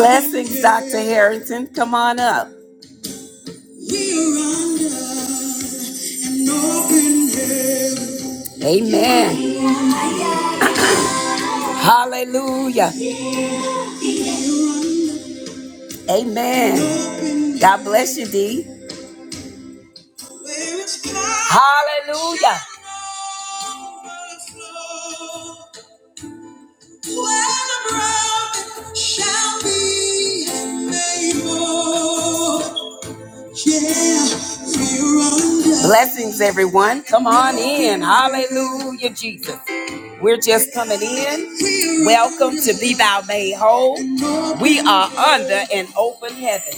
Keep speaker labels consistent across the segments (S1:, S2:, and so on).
S1: Blessings, Dr. Harrington. Come on up. Amen. Hallelujah. Amen. God bless you, D. Hallelujah. Blessings, everyone. Come on in. Hallelujah, Jesus. We're just coming in. Welcome to Be Thou Made Whole. We are under an open heaven.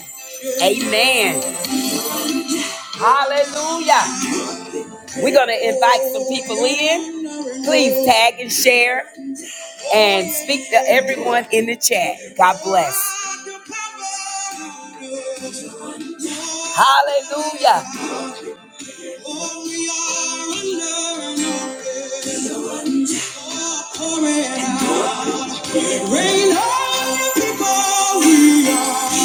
S1: Amen. Hallelujah. We're going to invite some people in. Please tag and share and speak to everyone in the chat. God bless. Hallelujah. Hallelujah. Rain on the people we are.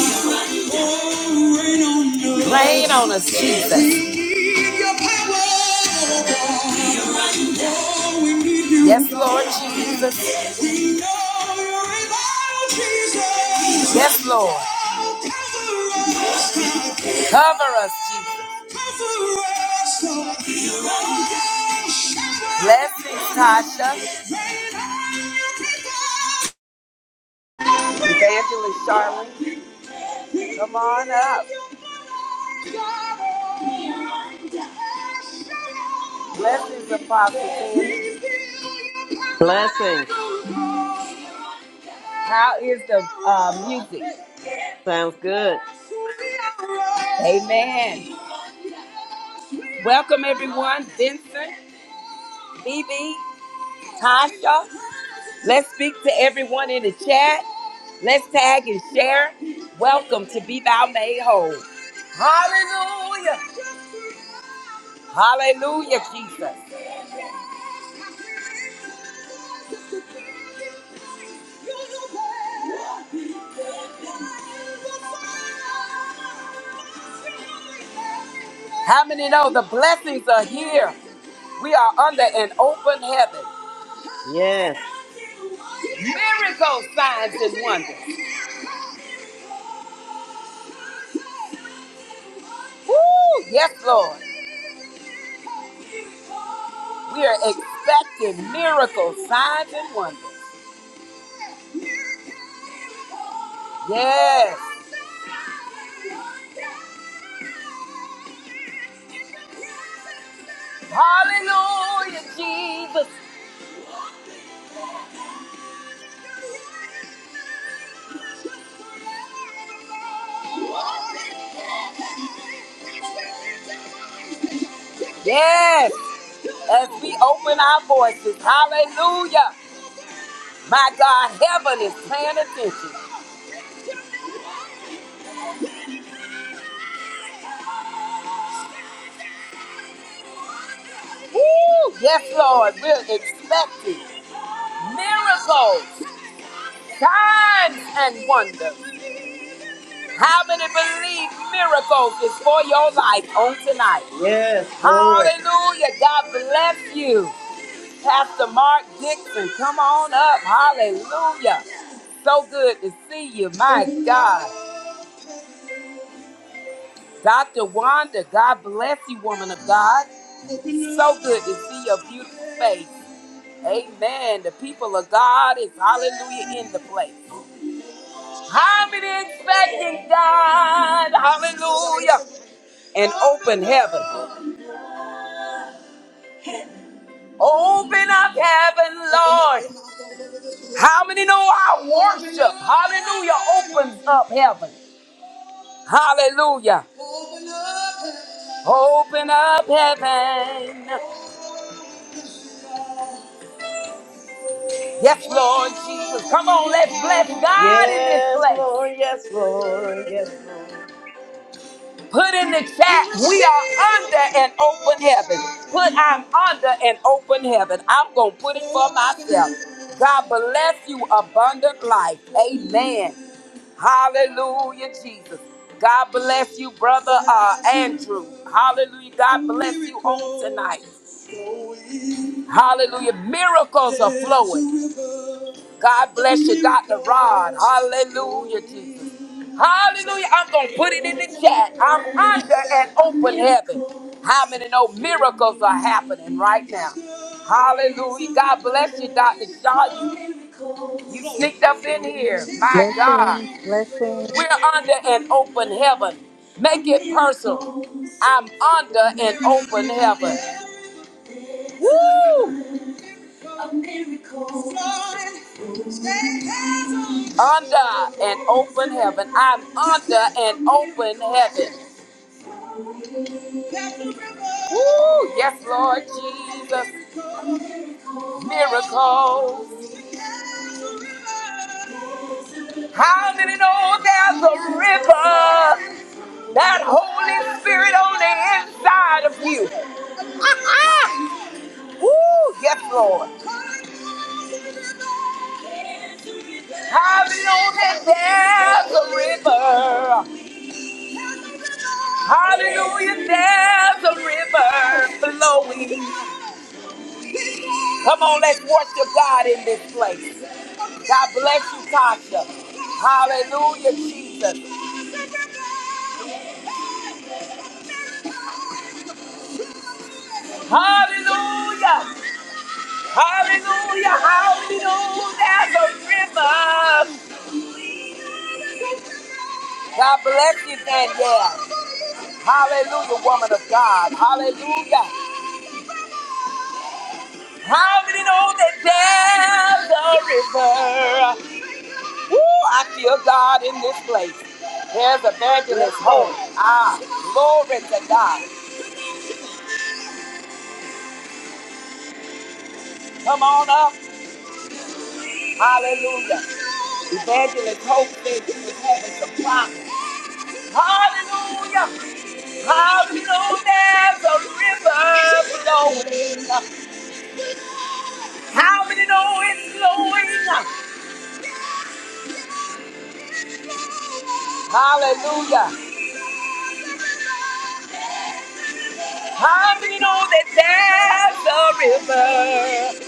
S1: Oh, rain on us. Rain on us, Jesus. We need your power, oh God. Oh, we need you. Yes, Lord Jesus. We know you're able, Jesus. Yes, Lord. Oh, Cover us, Cover us, Jesus. Cover us, Lord. Oh, God. Blessings, Tasha. Evangelist Charlene, come on up. Blessings, Apostle Tammy.
S2: Blessings.
S1: How is the uh, music?
S2: Sounds good.
S1: Amen. Welcome, everyone. Vincent, BB. Tasha. Let's speak to everyone in the chat. Let's tag and share. Welcome to Be Thou Made Whole. Hallelujah. Hallelujah, Jesus. How many know the blessings are here? We are under an open heaven.
S2: Yes.
S1: Miracles, signs, and wonders. Woo! Yes, Lord. We are expecting miracles, signs, and wonders. Yes. Hallelujah, Jesus. Yes, as we open our voices, hallelujah. My God, heaven is paying attention. Woo! Yes, Lord, we're expecting miracles, signs, and wonders. How many believe miracles is for your life on tonight?
S2: Yes, glory.
S1: Hallelujah. God bless you. Pastor Mark Dixon, come on up. Hallelujah. So good to see you, my God. Dr. Wanda, God bless you, woman of God. So good to see your beautiful face. Amen. The people of God is hallelujah in the place. How many expecting God? Hallelujah. And open heaven. Open up heaven, Lord. How many know our worship? Hallelujah opens up heaven. Hallelujah. Open up heaven. Yes, Lord Jesus. Come on, let's bless God in this
S2: Yes,
S1: place.
S2: Lord. Yes, Lord. Yes, Lord.
S1: Put in the chat, we are under an open heaven. Put, I'm under an open heaven. I'm going to put it for myself. God bless you, abundant life. Amen. Hallelujah, Jesus. God bless you, brother uh, Andrew. Hallelujah. God bless you on tonight. Hallelujah. Miracles are flowing. God bless you, Dr. Rod. Hallelujah, Jesus. Hallelujah. I'm going to put it in the chat. I'm under an open heaven. How many know miracles are happening right now? Hallelujah. God bless you, Dr. Shaw. You, you sneaked up in here. My God.
S3: Blessings, blessings,
S1: We're under an open heaven. Make it personal. I'm under an open heaven. Woo! Under an open heaven. I'm under an open heaven. Woo! Yes, Lord Jesus. Miracles. How many know there's a river? That Holy Spirit on the inside of you. Woo! Yes, Lord. Hallelujah, there's a river. Hallelujah, there's a river flowing. Come on, let's worship God in this place. God bless you, Tasha. Hallelujah, Jesus. Hallelujah! Hallelujah! Hallelujah! There's a river. God bless you, Danielle. Hallelujah, woman of God. Hallelujah. How many know that there's a river? Woo, I feel God in this place. There's evangelist
S2: Yes,
S1: hope.
S2: Lord.
S1: Ah, glory to God. Come on up. Hallelujah. Evangelist hope said she was having some problems. Hallelujah. How many know there's a river flowing? How many know it's flowing? Hallelujah. I do you know that there's a river.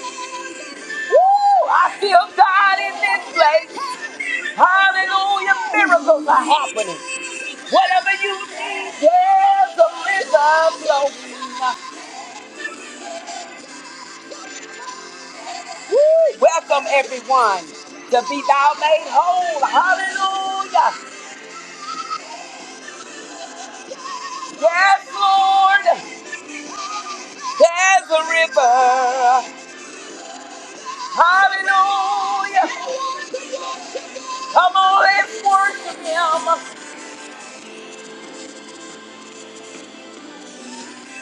S1: Woo! I feel God in this place. Hallelujah. Miracles are happening. Whatever you need, there's a river flowing. Woo! Welcome, everyone, to Be Thou Made Whole. Hallelujah. Yes, Lord. There's a river. Hallelujah. Come on, let's worship Him.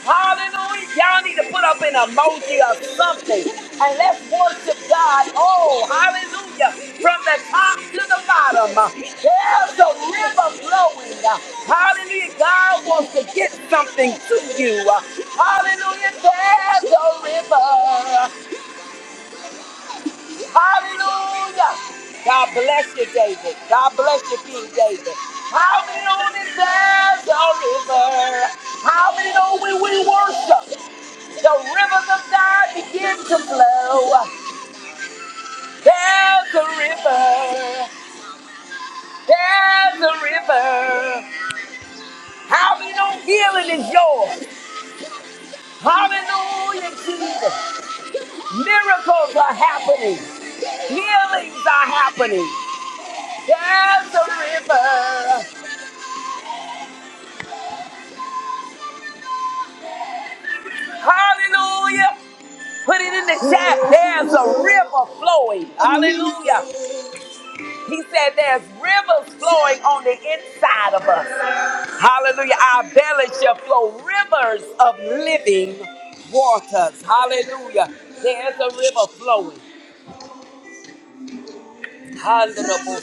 S1: Hallelujah. Y'all need to put up an emoji or something. And let's worship God. Oh, hallelujah. From the top to the bottom. uh, There's a river flowing. uh, Hallelujah. God wants to get something to you. uh, Hallelujah. There's a river. Hallelujah. God bless you, David. God bless you, King David. How many know that there's a river? How many know when we worship? The rivers of God begin to flow. There's a river. There's a river. Hallelujah. Healing is yours. Hallelujah, Jesus. Miracles are happening. Healings are happening. There's a river. Hallelujah. Put it in the chat. There's a river flowing. Hallelujah. He said there's rivers flowing on the inside of us. Hallelujah. Our belly shall flow rivers of living waters. Hallelujah. There's a river flowing. Hallelujah.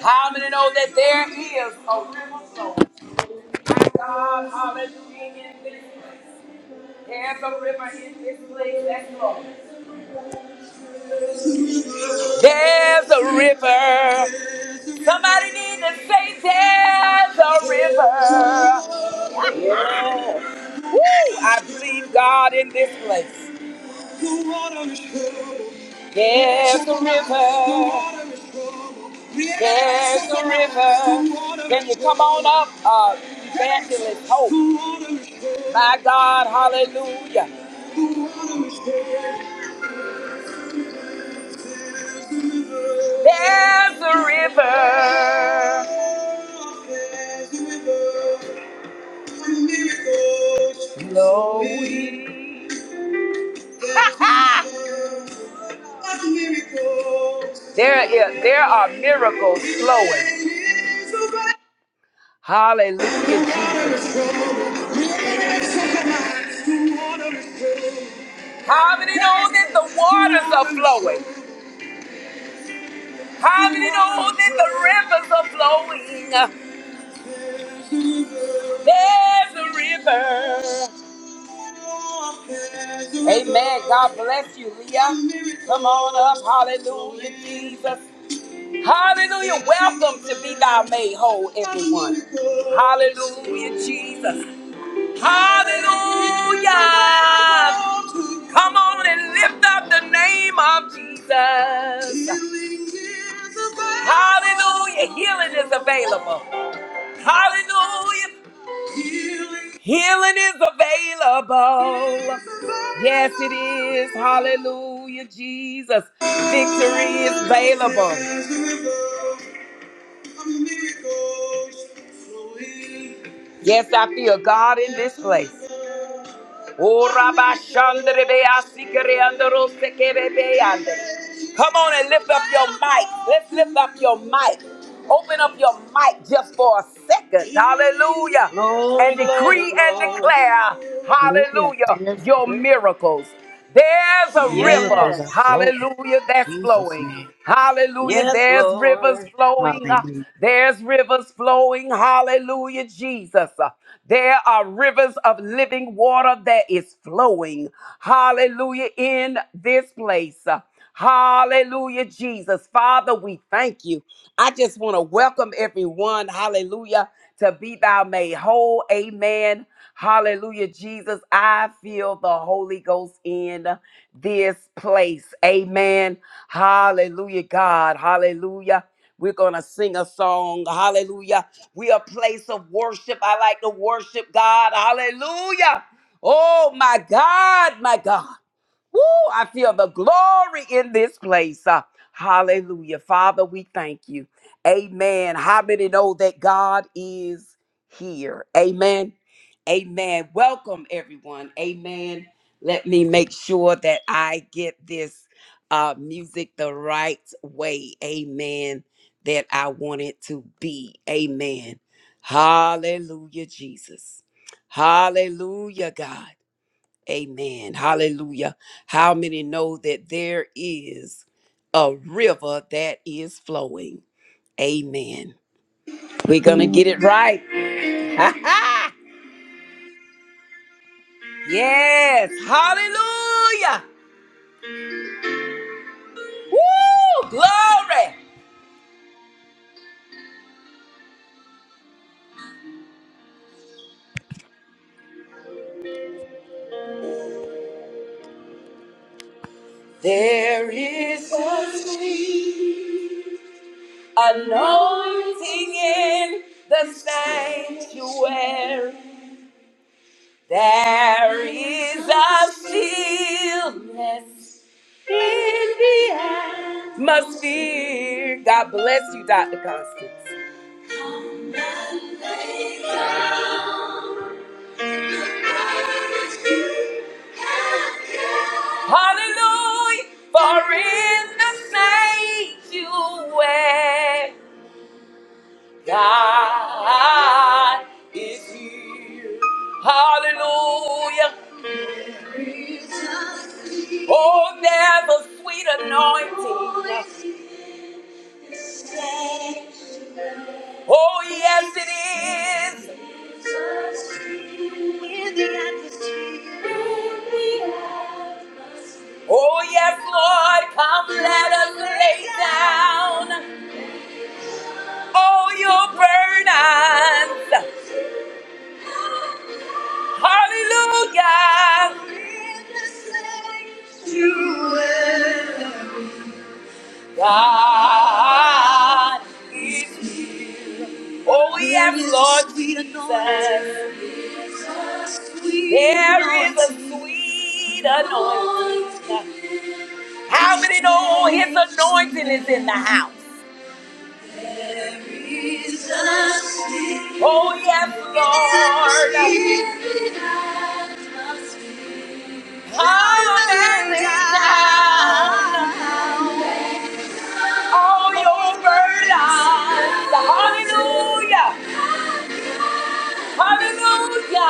S1: How many know that there is a river flowing? My God, hallelujah. in this place. There's a river in this place that's flowing. There's a river. Somebody need to say there's a river.
S2: Yes.
S1: Woo! I believe God in this place. The water is troubled. There's a river. There's a river. Can you come on up, uh, evangelist? Hope. My God, hallelujah. There's a river. Flowing. There is, there are miracles flowing. Hallelujah, Jesus. How many know that the waters are flowing? How many know that the rivers are flowing? There's a river. Amen. God bless you, Leah. Come on up. Hallelujah, Jesus. Hallelujah. Welcome to Be Thou Made Whole, everyone. Hallelujah, Jesus. Hallelujah. Come on and lift up the name of Jesus. Hallelujah. Healing is available. Hallelujah. Healing Healing is available. is Yes, it is. available. Hallelujah, Jesus. Victory is available. Yes, I feel God in this place. Oh, Rabba Shandere Bea Sikere Andoro Sekere Beande. Come on and lift up your mic. Let's lift up your mic. Open up your mic just for a second. Hallelujah.
S2: Glory,
S1: And
S2: glory,
S1: decree and
S2: glory.
S1: declare,
S3: hallelujah.
S1: hallelujah,
S3: There's a
S1: your
S3: river.
S1: miracles. There's a river,
S3: Miracles are
S2: Yes.
S3: flowing
S1: hallelujah,
S3: in
S1: that's
S3: Jesus'
S1: flowing.
S3: name.
S1: Hallelujah,
S2: Yes,
S1: there's rivers
S2: Lord.
S1: flowing. uh,
S3: Hallelujah.
S1: There's rivers flowing, hallelujah, Jesus. Uh, There are rivers of living water that is flowing, hallelujah, in this place. Uh, Hallelujah, Jesus. Father, we thank you. I just want to welcome everyone, hallelujah, to be thou made whole. Amen. Hallelujah, Jesus. I feel the Holy Ghost in this place. Amen. Hallelujah, God. Hallelujah. We're going to sing a song. Hallelujah. We a place of worship. I like to worship God. Hallelujah. Oh, my God, my God. Woo, I feel the glory in this place. Uh, hallelujah. Father, we thank you. Amen. How many know that God is here? Amen. Amen. Welcome, everyone. Amen. Let me make sure that I get this uh, music the right way. Amen. That I want it to be. Amen. Hallelujah, Jesus. Hallelujah, God. Amen. Hallelujah. How many know that there is a river that is flowing? Amen. We're going to get it right. Yes. Hallelujah. Woo! Glory. There is an anointing in the sanctuary. There is a seal in the atmosphere. God bless you, Dr. Constance. Hallelujah, for in the sanctuary, God is here. Hallelujah. Oh, there's a sweet anointing. Oh, yes, it is. In the atmosphere. Oh, yes, Lord, come let us lay down all your burdens. Hallelujah. God is, oh, yes, Lord Jesus. There is a sweet anointing. How many know his anointing is in the house? Oh, yes, Lord. Come and down all your burdens. Hallelujah. Hallelujah.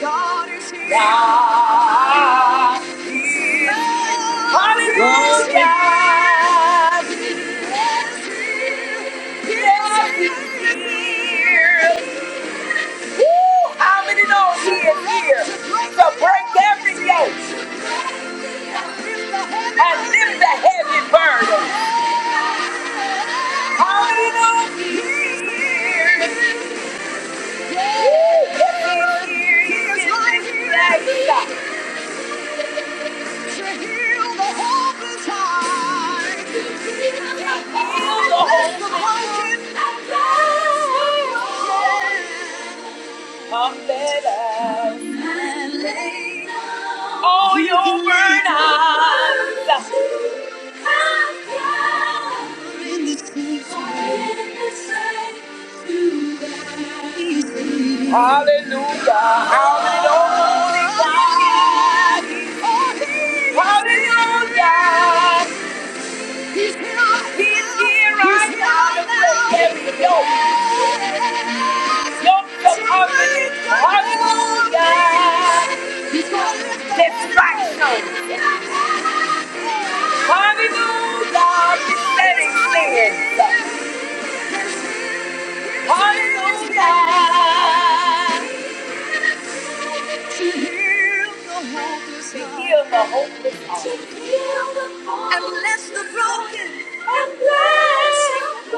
S1: God is here. God.
S2: Glory.
S1: Hallelujah. Yes, How many knows he here to break every yoke and lift the heavy burden? How many knows here? Yes, here. He's To heal the hopeless heart. To heal the broken. Yeah. Come let us lay all your burdens. Come In the Hallelujah, hallelujah, hallelujah, He's here right now to break every yoke. Yoke of confidence. Hallelujah. Distraction. Hallelujah. Besetting sins. Hallelujah. To heal the hopeless To heal the hopeless To heal the broken. And bless the broken. And bless the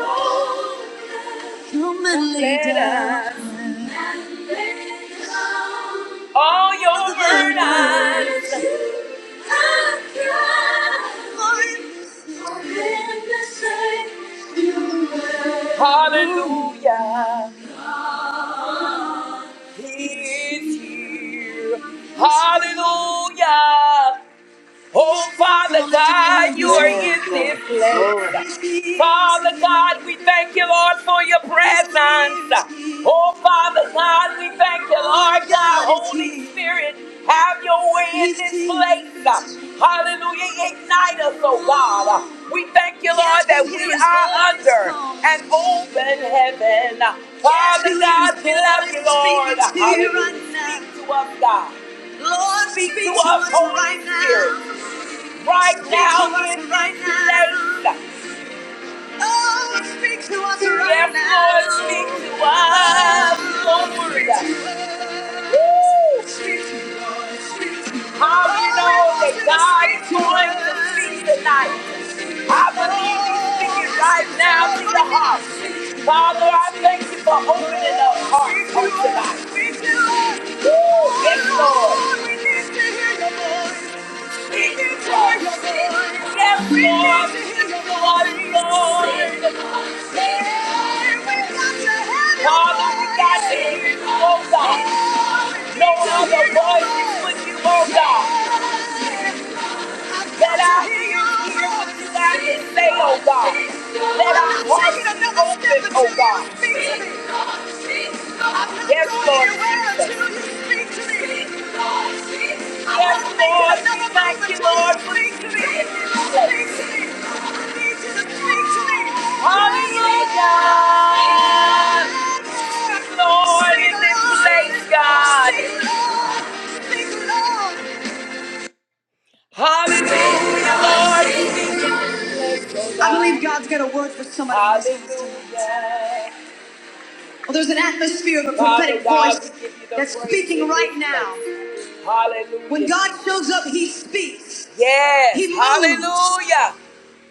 S1: broken. Come and And lay let down. us All your the burdens. Hallelujah. He is here. Hallelujah. Oh, Father God, you are
S2: Yes,
S1: in
S2: Lord.
S1: this
S2: Glory.
S1: place. Father God, we thank you, Lord, for your presence. Oh, Father God, we thank you, Lord God, Holy Spirit, have your way in this place. Hallelujah, ignite us, oh God. We thank you, Lord, that we are under an open heaven. Father God, we love you, Lord. Hallelujah. Speak to us, God. Lord, speak to us, Holy Spirit right now in this place. Oh, speak to us right now. yes, Lord, speak to us, Lord. Woo! Speak to us. Speak to How do you know that God is going to speak tonight? I believe He's speaking right now to the heart. Father, I thank you for opening up hearts on tonight. Woo! Yes, Lord. No other voice but you, oh God. Let our ears hear what you got to say, oh God. Let our hearts be open, oh God. Yes, Lord Jesus. Yes, Lord, we thank you, Lord, for Jesus. Hallelujah. Lord, in this place, God. Hallelujah, Lord. I believe God's got a word for somebody in this house tonight. Well, there's an atmosphere of a Father prophetic Father God, voice we give you the that's praise speaking in right now. Hallelujah. When God shows up, He speaks, Yes, He moves, hallelujah.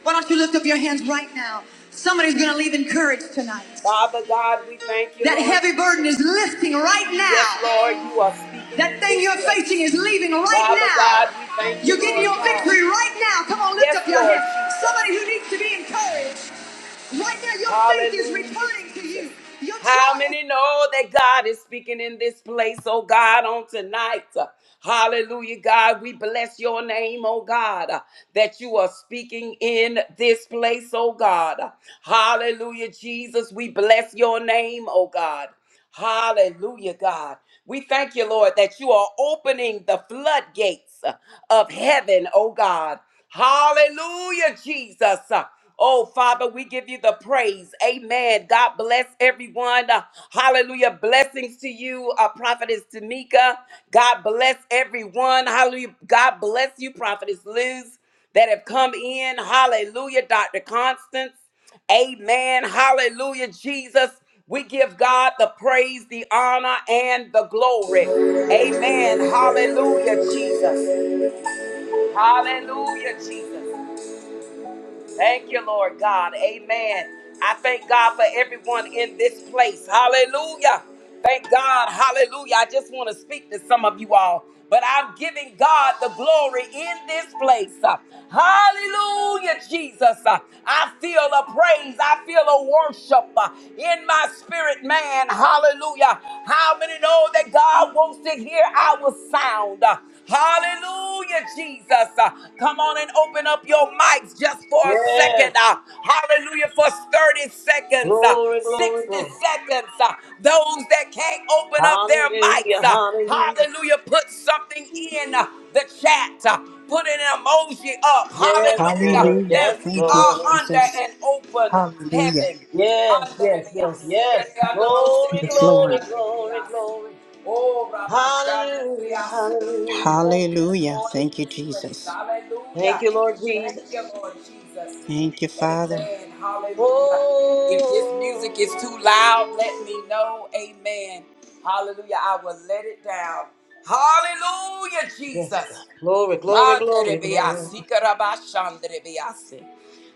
S1: Why don't you lift up your hands right now? Somebody's going to leave encouraged tonight. Father God, we thank you, That Lord. heavy burden is lifting right now. Yes, Lord, you are speaking That thing you're facing is leaving right Father now. Father God, we thank you, You're getting Lord your God. victory right now. Come on, lift Yes, up your Lord hands. Somebody who needs to be encouraged right now your faith is Hallelujah. returning to you. Your How trust. many know that God is speaking in this place, oh God, on tonight? Hallelujah, God. We bless your name, oh God, that you are speaking in this place, oh God. Hallelujah, Jesus. We bless your name, oh God. Hallelujah, God. We thank you, Lord, that you are opening the floodgates uh, of heaven, oh God. Hallelujah, Jesus. Uh, Oh, Father, we give you the praise. Amen. God bless everyone. Uh, Hallelujah. Blessings to you, uh, Prophetess Tamika. God bless everyone. Hallelujah. God bless you, Prophetess Liz, that have come in. Hallelujah, Dr. Constance. Amen. Hallelujah, Jesus. We give God the praise, the honor, and the glory. Amen. Hallelujah, Jesus. Hallelujah, Jesus. Thank you, Lord God. Amen. I thank God for everyone in this place. Hallelujah. Thank God. Hallelujah. I just want to speak to some of you all, but I'm giving God the glory in this place. Uh, Hallelujah, Jesus. Uh, I feel a praise. I feel a worship uh, in my spirit, man. Hallelujah. How many know that God wants to hear our sound? Uh, Hallelujah, Jesus. Uh, come on and open up your mics just for a
S2: Yes.
S1: second. Uh, hallelujah, for 30 seconds, uh,
S2: Glory, glory,
S1: 60
S2: glory.
S1: seconds. Uh, those that can't open up their mics,
S2: Hallelujah.
S1: uh,
S2: Hallelujah.
S1: hallelujah, put something in uh, the chat. Uh, put an emoji up.
S2: Yes,
S1: Hallelujah,
S2: Lord.
S3: Hallelujah.
S1: that
S2: Yes,
S1: we
S3: Thank you,
S1: are
S2: Lord.
S1: under
S3: Jesus.
S1: an open
S3: Hallelujah.
S1: heaven.
S2: Yes, yes,
S1: Hallelujah.
S2: yes, yes. Glory,
S3: Yes,
S2: glory,
S3: Lord.
S2: glory, glory.
S1: Oh, Rabbi
S2: Hallelujah,
S1: Shandariasa.
S2: hallelujah.
S1: Oh, yes,
S3: Hallelujah.
S1: Lord,
S3: Thank
S1: in
S3: you,
S1: this place.
S3: Jesus.
S2: Thank
S1: Hallelujah.
S2: you, Lord
S1: Thank you,
S2: Jesus.
S1: Lord Jesus.
S3: Thank you, Father.
S1: Amen. Hallelujah. If this music is
S2: Oh,
S1: too loud, let me know. Amen. Hallelujah. I will let it down. Hallelujah,
S2: yes, God.
S1: Jesus.
S2: Glory, glory, glory, glory.
S1: Manderebeasi, karabashanderebeasi.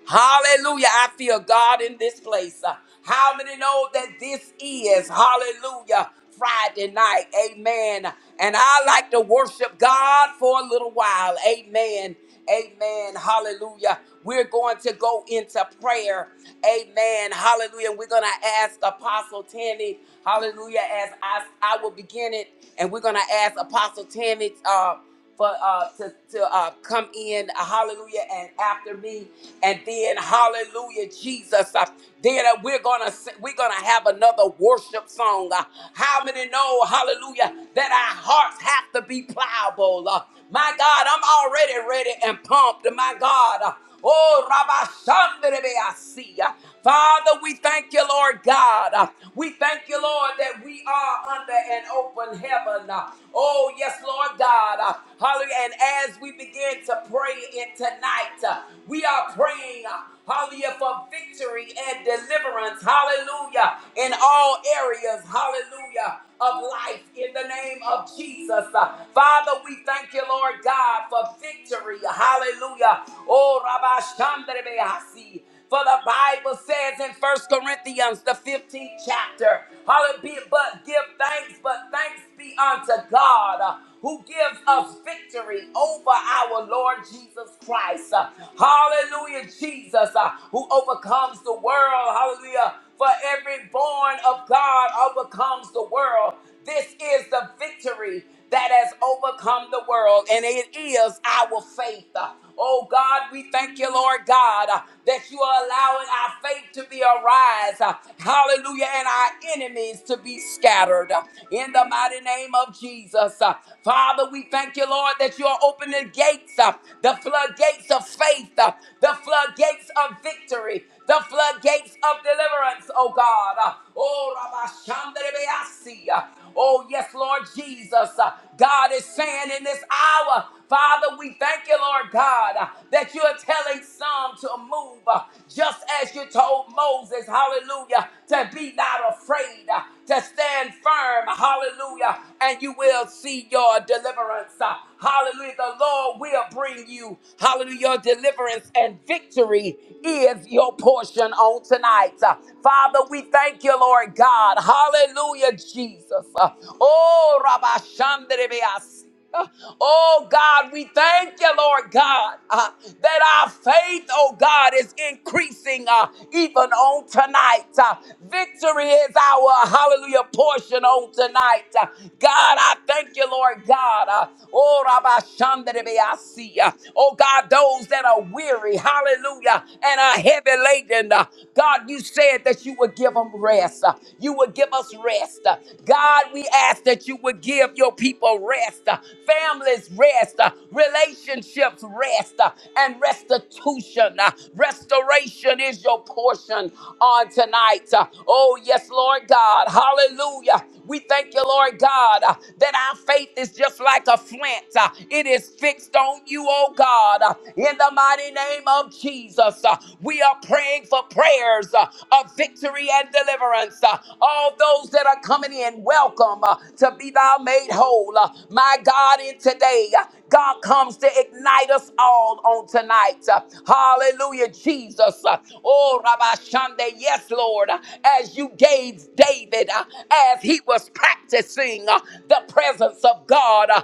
S1: Hallelujah. I feel God in this place. Uh, How many know that this is, hallelujah, Friday night? Amen. And I like to worship God for a little while. Amen. Amen. Hallelujah. We're going to go into prayer. Amen. Hallelujah. And we're going to ask Apostle Tammy. Hallelujah. As I, I will begin it. And we're going to ask Apostle Tammy. Uh, for uh, to, to uh, come in, hallelujah, and after me, and then hallelujah, Jesus. Uh, then uh, we're gonna s- we're gonna have another worship song. Uh, how many know, hallelujah, that our hearts have to be pliable? Uh, my God, I'm already ready and pumped. My God, uh, Oh, Rabashandrebeasia. Father, we thank you, Lord God. We thank you, Lord, that we are under an open heaven. Oh, yes, Lord God. Hallelujah. And as we begin to pray it tonight, we are praying. Hallelujah. For victory and deliverance. Hallelujah. In all areas. Hallelujah. Of life in the name of Jesus. Uh, Father, we thank you, Lord God, for victory. Hallelujah. Oh, Rabbi Shandrebeasi. For the Bible says in First Corinthians, the 15th chapter, Hallelujah, be- but give thanks, but thanks be unto God uh, who gives us victory over our Lord Jesus Christ. Uh, Hallelujah, Jesus, uh, who overcomes the world. Hallelujah. For every born of God overcomes the world. This is the victory that has overcome the world, and it is our faith. Oh God, we thank you, Lord God, uh, that you are allowing our faith to be arise. uh, Hallelujah, and our enemies to be scattered. uh, In the mighty name of Jesus. Uh, Father, we thank you, Lord, that you are opening the gates, uh, the floodgates of faith, uh, the floodgates of victory the floodgates of deliverance, oh God. Uh, Oh, Rabba Uh, Oh, yes, Lord Jesus. Uh, God is saying in this hour, Father, we thank you, Lord God, uh, that you are telling some to move uh, just as you told Moses, hallelujah, to be not afraid, uh, to stand firm, hallelujah, and you will see your deliverance. Uh, Hallelujah. The Lord will bring you, hallelujah, your deliverance and victory Victory is your portion on tonight. Uh, Father, we thank you, Lord God. Hallelujah, Jesus. Uh, Oh, Rabbi Shandrebeas. Oh God, we thank you, Lord God, uh, that our faith, oh God, is increasing uh, even on tonight. Uh, victory is our hallelujah portion on tonight. Uh, God, I thank you, Lord God. Uh, oh, Rabbi Shandrebeasi. Uh, oh God. God, those that are weary, hallelujah, and are heavy laden. Uh, God, you said that you would give them rest. Uh, You would give us rest. Uh, God, we ask that you would give your people rest, uh, families rest, uh, relationships rest, uh, and restitution. Uh, Restoration is your portion on tonight. Uh, Oh, yes, Lord God, hallelujah. We thank you, Lord God, uh, that our faith is just like a flint. Uh, It is fixed on you, oh God. Uh, In the mighty name of Jesus, uh, we are praying for prayers uh, of victory and deliverance. Uh, All those that are coming in, welcome uh, to be thou made whole. Uh, My God, in today, uh, God comes to ignite us all on tonight. Uh, Hallelujah, Jesus. Uh, Oh, Rabbi Shande, yes, Lord, Uh, as you gave David. David uh, as he was practicing uh, the presence of God, uh,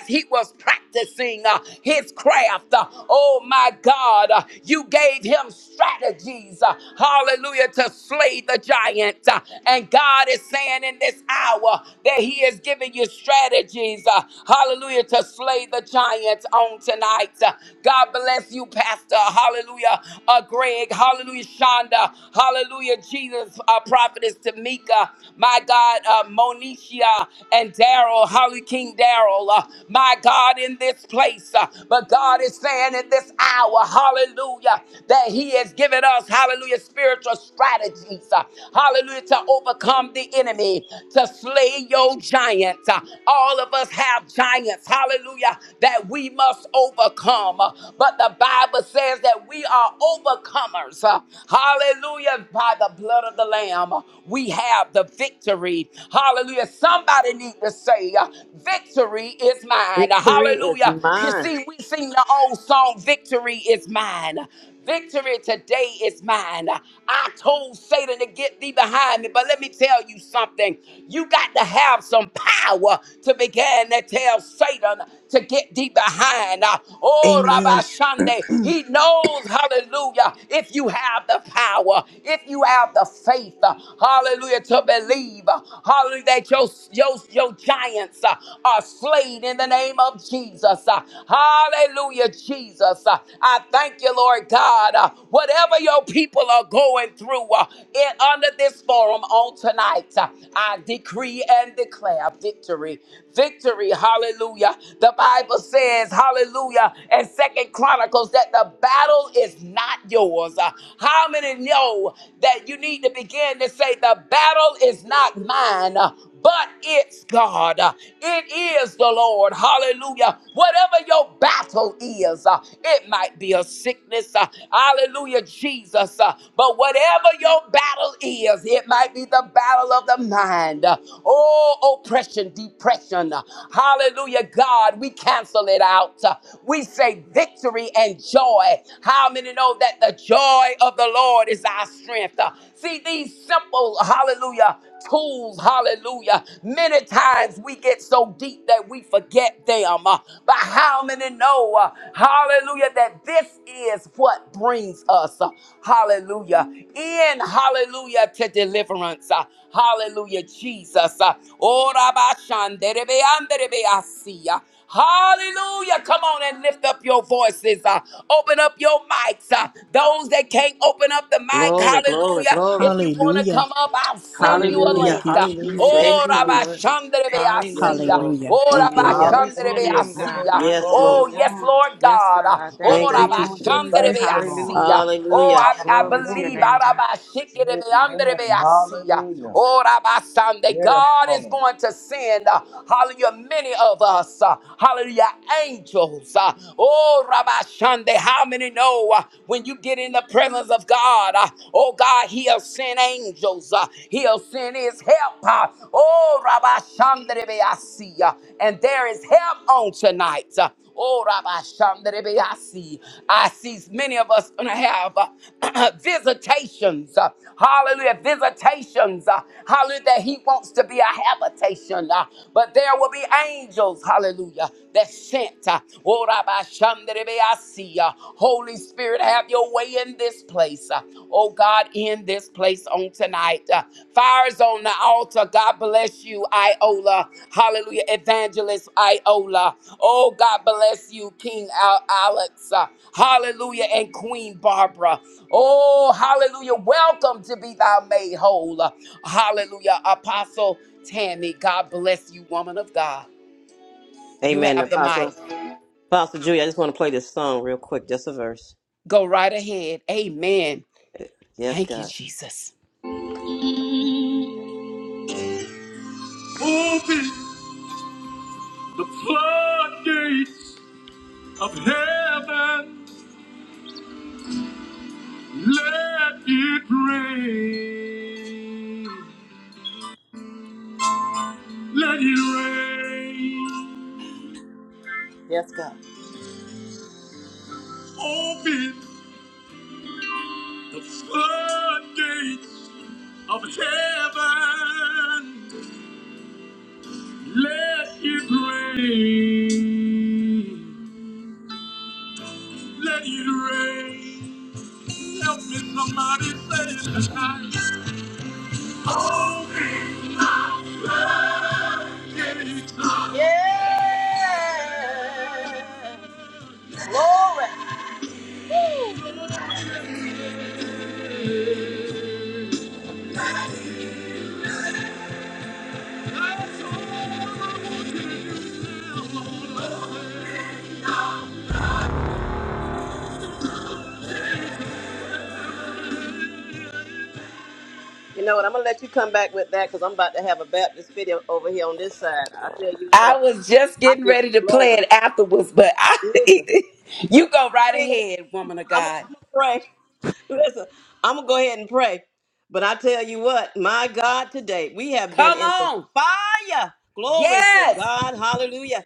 S1: as he was practicing uh, his craft. uh, Oh my God, uh, you gave him strategies, uh, hallelujah, to slay the giant. uh, And God is saying in this hour that he is giving you strategies, uh, hallelujah, to slay the giants on tonight. Uh, God bless you, Pastor, hallelujah, uh, Greg, hallelujah, Shonda, hallelujah, Jesus, uh, God, Prophetess Tamika, my God, uh, Monicia and Daryl, Holly King Daryl, uh, my God, in this place. uh, but God is saying in this hour, hallelujah, that He has given us, hallelujah, spiritual strategies, uh, hallelujah, to overcome the enemy, to slay your giant. Uh, all of us have giants, hallelujah, that we must overcome. But the Bible says that we are overcomers. Hallelujah. By the blood of the Lamb, we have the victory. Hallelujah. Somebody need to say, Victory is mine.
S2: Victory is
S1: Hallelujah. You
S2: mine.
S1: see, we sing the old song, Victory is mine. Victory today is mine. I told Satan to get thee behind me, but let me tell you something. You got to have some power to begin to tell Satan to get thee behind. Oh, Rabbi
S3: Amen.
S1: Shande, he knows, hallelujah, if you have the power, if you have the faith, hallelujah, to believe, hallelujah, that your, your, your giants uh, are slain in the name of Jesus. Uh, Hallelujah, Jesus. Uh, I thank you, Lord God. Uh, Whatever your people are going through uh, in, under this forum on tonight, uh, I decree and declare victory. Victory, hallelujah. The Bible says, hallelujah, and Second Chronicles that the battle is not yours. Uh, How many know that you need to begin to say, the battle is not mine, uh, but it's God. Uh, It is the Lord. Hallelujah. Whatever your battle is, uh, it might be a sickness. uh, hallelujah, Jesus. uh, but whatever your battle is, it might be the battle of the mind. uh, oh, oppression, depression. uh, hallelujah, God, we cancel it out. uh, we say victory and joy. How many know that the joy of the Lord is our strength? Uh, see, these simple, hallelujah, tools. Hallelujah. Many times we get so deep that we forget them. Uh, But how many know, uh, hallelujah, that this is what brings us, uh, hallelujah, in hallelujah to deliverance. uh, Hallelujah, Jesus. uh, Ora ba shandere be andere be asi, uh, Hallelujah. Come on and lift up your voices. uh, open up your mics. uh, those that can't open up the mic,
S2: Glory, glory,
S1: hallelujah.
S2: glory.
S1: If you want to
S3: Hallelujah.
S1: come up, I'll send you a
S4: Hallelujah.
S2: Hallelujah.
S3: Thank
S1: link.
S3: you,
S1: Uh,
S4: Hallelujah.
S2: Thank
S3: Jesus.
S1: oh,
S4: Thank
S2: you,
S4: you,
S1: Rabbi
S2: Jesus.
S4: Lord.
S1: Shandrebe, I
S2: Yes,
S4: Hallelujah.
S2: Lord.
S3: Hallelujah.
S1: Oh,
S3: Thank you,
S1: Rabbi
S2: Hallelujah.
S3: Lord.
S4: Glory to your
S1: Shandrebe, I
S5: Hallelujah.
S4: name, God.
S5: Glory,
S2: Yes,
S5: glory,
S2: Lord.
S1: Oh,
S4: Hallelujah.
S1: yes,
S5: glory.
S1: Lord
S4: Yes,
S1: God. Uh,
S4: God. Thank
S1: Oh,
S2: Thank
S4: you,
S2: you,
S1: Rabbi
S4: Lord
S2: Jesus.
S5: Hallelujah.
S4: Jesus.
S5: Thank
S1: Shandrebe,
S5: you,
S1: I
S5: Lord.
S4: Hallelujah.
S1: Oh,
S2: Hallelujah.
S1: I, I
S4: Glory to your
S1: believe.
S5: Hallelujah.
S4: name, God.
S5: Amen. Hallelujah.
S1: Oh, Rabasande.
S5: Yes,
S1: God is
S5: Lord.
S1: going to send, uh, hallelujah, many of us, uh, hallelujah, angels. uh, oh, Rabashande. How many know uh, when you get in the presence of God, uh, oh, God, He'll send angels. uh, he'll send His help. uh, oh, Rabashanderebeasia. And there is help on tonight. uh, Oh, Rabbi Shandarebe, I see. I see many of us gonna have uh, visitations. uh, hallelujah, visitations. uh, hallelujah, that He wants to be a habitation. uh, but there will be angels. Hallelujah, that sent. Uh, oh, Rabbi Shandarebe, I see. uh, Holy Spirit, have Your way in this place. uh, oh God, in this place on tonight. Uh, fires on the altar. God bless you, Iola. Hallelujah. Evangelist Iola. Oh, God bless you, King Al- Alex. Uh, hallelujah. And Queen Barbara. Oh, hallelujah. Welcome to be thou made whole. Uh, hallelujah. Apostle Tammy. God bless you, woman of God. You
S2: Amen,
S1: have the mic.
S2: Apostle. Apostle Julia, I just want to play this song real quick, just a verse.
S1: Go right ahead. Amen.
S2: Yes,
S1: Thank you,
S2: God.
S1: Jesus.
S2: Open the floodgates of heaven. Let it rain. Let it rain. Yes, God. Open the floodgates of heaven. Let it rain. Let it rain. Help me, somebody, say it tonight. Open Yeah. Glory. You know what? I'm gonna let you come back with that because I'm about to have a Baptist video over here on this side. I tell you
S1: I
S2: what,
S1: was just
S2: I
S1: getting
S2: give him
S1: ready to play
S2: glory.
S1: it afterwards, but I,
S2: Listen,
S1: you go right ahead, woman of
S2: I'm
S1: God.
S2: gonna pray. Listen, I'm gonna go ahead and pray. But I tell you what, my God, today we have been
S1: Come
S2: in the
S1: on.
S2: fire. Glory to
S1: Yes.
S2: God. Hallelujah.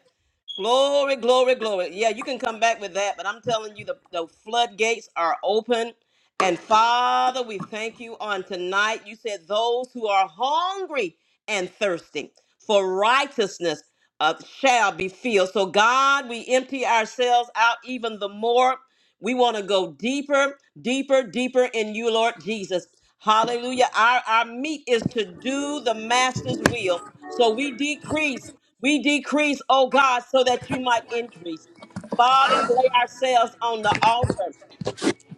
S2: Glory, glory, glory. Yeah, you can come back with that, but I'm telling you, the, the floodgates are open. And Father, we thank you on tonight. You said those who are hungry and thirsty for righteousness uh, shall be filled. So, God, we empty ourselves out even the more. We want to go deeper, deeper, deeper in you, Lord Jesus. Hallelujah. Our, our meat is to do the Master's will. So we decrease we decrease, oh God, so that you might increase. Father, we lay ourselves on the altar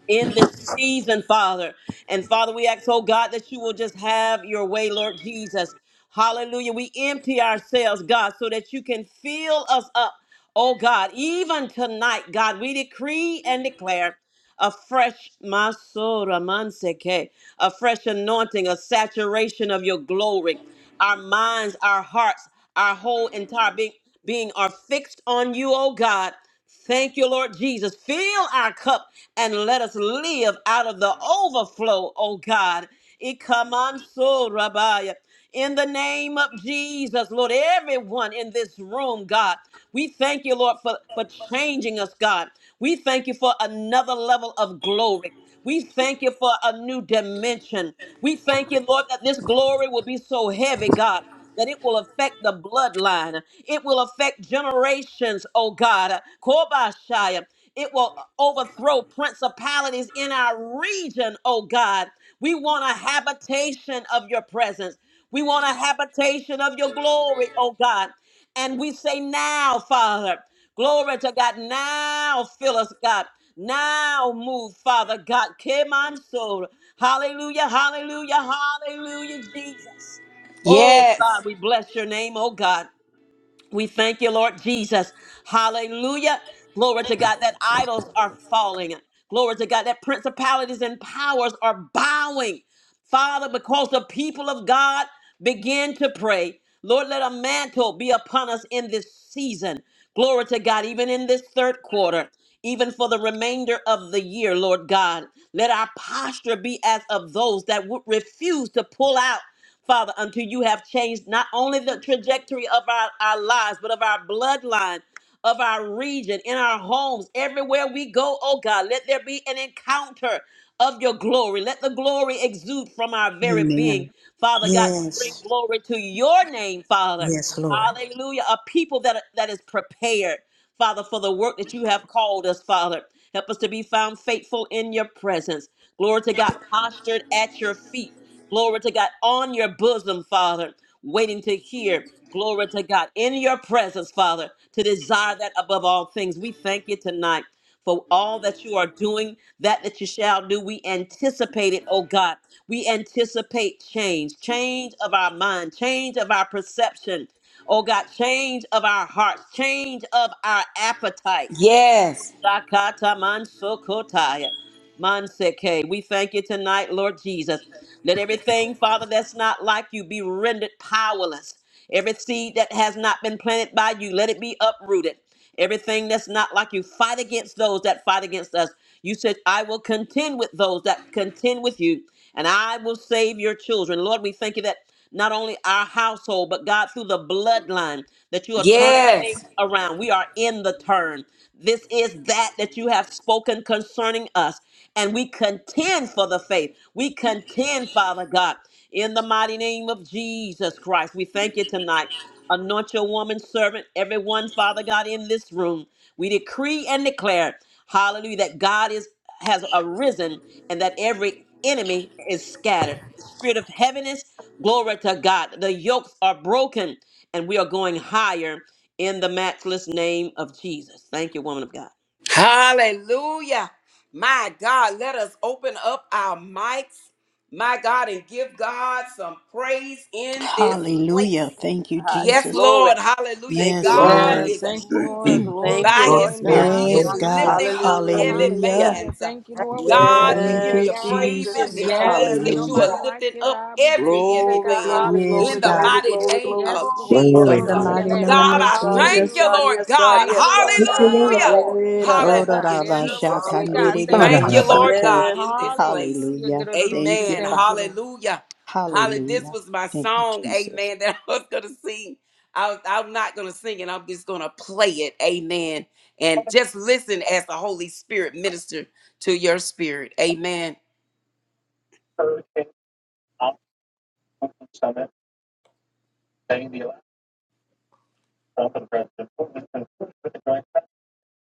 S2: in this season, Father. And Father, we ask, oh God, that you will just have your way, Lord Jesus. Hallelujah. We empty ourselves, God, so that you can fill us up, oh God. Even tonight, God, we decree and declare a fresh masora manseke, a fresh anointing, a saturation of your glory. Our minds, our hearts, our whole entire being, being are fixed on you, oh God. Thank you, Lord Jesus. Fill our cup and let us live out of the overflow, oh God. Ikamanso rabaya in the name of Jesus, Lord. Everyone in this room, God, we thank you, Lord, for, for changing us, God. We thank you for another level of glory. We thank you for a new dimension. We thank you, Lord, that this glory will be so heavy, God that it will affect the bloodline. It will affect generations, oh God. Kobashaya. It will overthrow principalities in our region, oh God. We want a habitation of your presence. We want a habitation of your glory, oh God. And we say now, Father, glory to God. Now fill us, God. Now move, Father God. Come on, soul. Hallelujah, hallelujah, hallelujah, Jesus. Oh God,
S1: Yes.
S2: we bless your name, oh God. We thank you, Lord Jesus. Hallelujah. Glory to God that idols are falling. Glory to God that principalities and powers are bowing. Father, because the people of God begin to pray, Lord, let a mantle be upon us in this season. Glory to God, even in this third quarter, even for the remainder of the year, Lord God. Let our posture be as of those that would refuse to pull out. Father, until you have changed not only the trajectory of our, our lives, but of our bloodline, of our region, in our homes, everywhere we go, oh God, let there be an encounter of your glory. Let the glory exude from our very being,
S3: Amen.
S2: Father God, to bring
S3: Yes.
S2: glory to your name, Father.
S3: Yes, Lord.
S2: Hallelujah. A people that, that is prepared. Father, for the work that you have called us, Father. Help us to be found faithful in your presence. Glory to God, postured at your feet. Glory to God, on your bosom, Father, waiting to hear. Glory to God, in your presence, Father, to desire that above all things. We thank you tonight for all that you are doing, that that you shall do. We anticipate it, oh God. We anticipate change, change of our mind, change of our perception. Oh God, change of our hearts, change of our appetites.
S1: Yes.
S2: Shakata mansokotaya. Manseke. We thank you tonight, Lord Jesus. Let everything, Father, that's not like you be rendered powerless. Every seed that has not been planted by you, let it be uprooted. Everything that's not like you, fight against those that fight against us. You said, I will contend with those that contend with you, and I will save your children. Lord, we thank you that not only our household, but God, through the bloodline, that you are turning things
S1: Yes.
S2: around. We are in the turn. This is that that you have spoken concerning us. And we contend for the faith. We contend, Father God, in the mighty name of Jesus Christ. We thank you tonight. Anoint your woman servant, everyone, Father God, in this room. We decree and declare, hallelujah, that God is has arisen and that every enemy is scattered. The spirit of heaviness Glory to God. The yokes are broken and we are going higher in the matchless name of Jesus. Thank you, woman of God.
S1: Hallelujah. My God, let us open up our mics, my God, and give God some praise in this
S3: Hallelujah.
S1: place.
S3: Thank you,
S2: Higher.
S1: Yes,
S3: Jesus.
S2: Glory.
S1: Lord. Hallelujah.
S2: Thank you,
S3: Yes,
S2: Lord
S1: God
S3: Lord.
S4: Yes.
S1: is
S2: Jesus.
S4: Thank you,
S1: moving
S4: Lord.
S6: Glory,
S2: Thank
S4: Glory
S2: you,
S4: to
S1: by
S4: your
S6: glory,
S1: his
S2: Lord
S4: name,
S1: spirit.
S2: God.
S4: God.
S1: He is
S3: Yes,
S6: glory.
S3: God.
S1: lifting
S4: Hallelujah.
S1: up
S5: Thank
S1: heavy
S3: Hallelujah.
S2: Hallelujah.
S4: Hallelujah.
S1: bands.
S4: Thank you, Lord.
S5: you,
S4: We
S5: Lord.
S1: God,
S4: bless
S1: we
S4: you
S3: Thank
S1: give
S4: today,
S3: you,
S1: you
S4: God.
S1: praise
S5: Yes,
S1: in
S3: Jesus.
S1: this
S5: Lord.
S1: place
S4: Yes.
S5: Thank
S1: that
S5: you,
S1: you
S3: Hallelujah.
S1: are
S4: Nobody
S5: Lord.
S4: like
S1: lifting
S4: you,
S1: up
S4: God. We
S1: every
S4: thank you today,
S1: heavy band
S4: God.
S2: Glory,
S3: Yes,
S2: glory,
S1: in the
S4: Hallelujah.
S2: glory,
S3: God.
S1: mighty
S2: glory,
S5: Glory, glory,
S1: name
S2: glory.
S4: Yes,
S1: of
S5: glory.
S4: Lord.
S2: Yes,
S6: Glory,
S1: Jesus.
S3: In the
S4: Glory
S1: Uh,
S4: to
S2: God,
S4: your
S2: yes,
S3: mighty
S6: hallelujah.
S4: name,
S2: God,
S3: name
S4: God.
S1: God,
S2: yes,
S3: of
S1: I
S2: God,
S1: thank
S5: Hallelujah.
S2: yes,
S3: Jesus.
S1: you,
S2: God,
S4: Hallelujah.
S1: Lord
S2: yes, God.
S1: God.
S4: Thank you, Lord
S6: Thank you,
S4: God.
S5: Thank you,
S6: Lord.
S1: Hallelujah.
S5: Lord.
S4: Hallelujah. Yes,
S2: Yes,
S4: God.
S1: Hallelujah, Jesus.
S4: See,
S5: Hallelujah.
S4: God.
S1: We
S4: Thank
S1: thank
S4: you,
S1: you,
S6: Ba-da-da-ba.
S4: Lord.
S1: Lord
S3: Ororabashakandererebeseko.
S1: God, in this place.
S3: Hallelujah.
S4: Hallelujah.
S3: Thank
S4: See,
S3: you,
S1: Amen.
S4: thank you,
S3: Father.
S4: Lord.
S1: Hallelujah. Holly, this
S3: Hallelujah.
S1: was my
S3: Thank you,
S1: song,
S3: Jesus.
S1: amen, that I was going to sing. I was, I'm not going to sing it. I'm just going to play it, amen. And just listen as the Holy Spirit minister to your spirit, amen.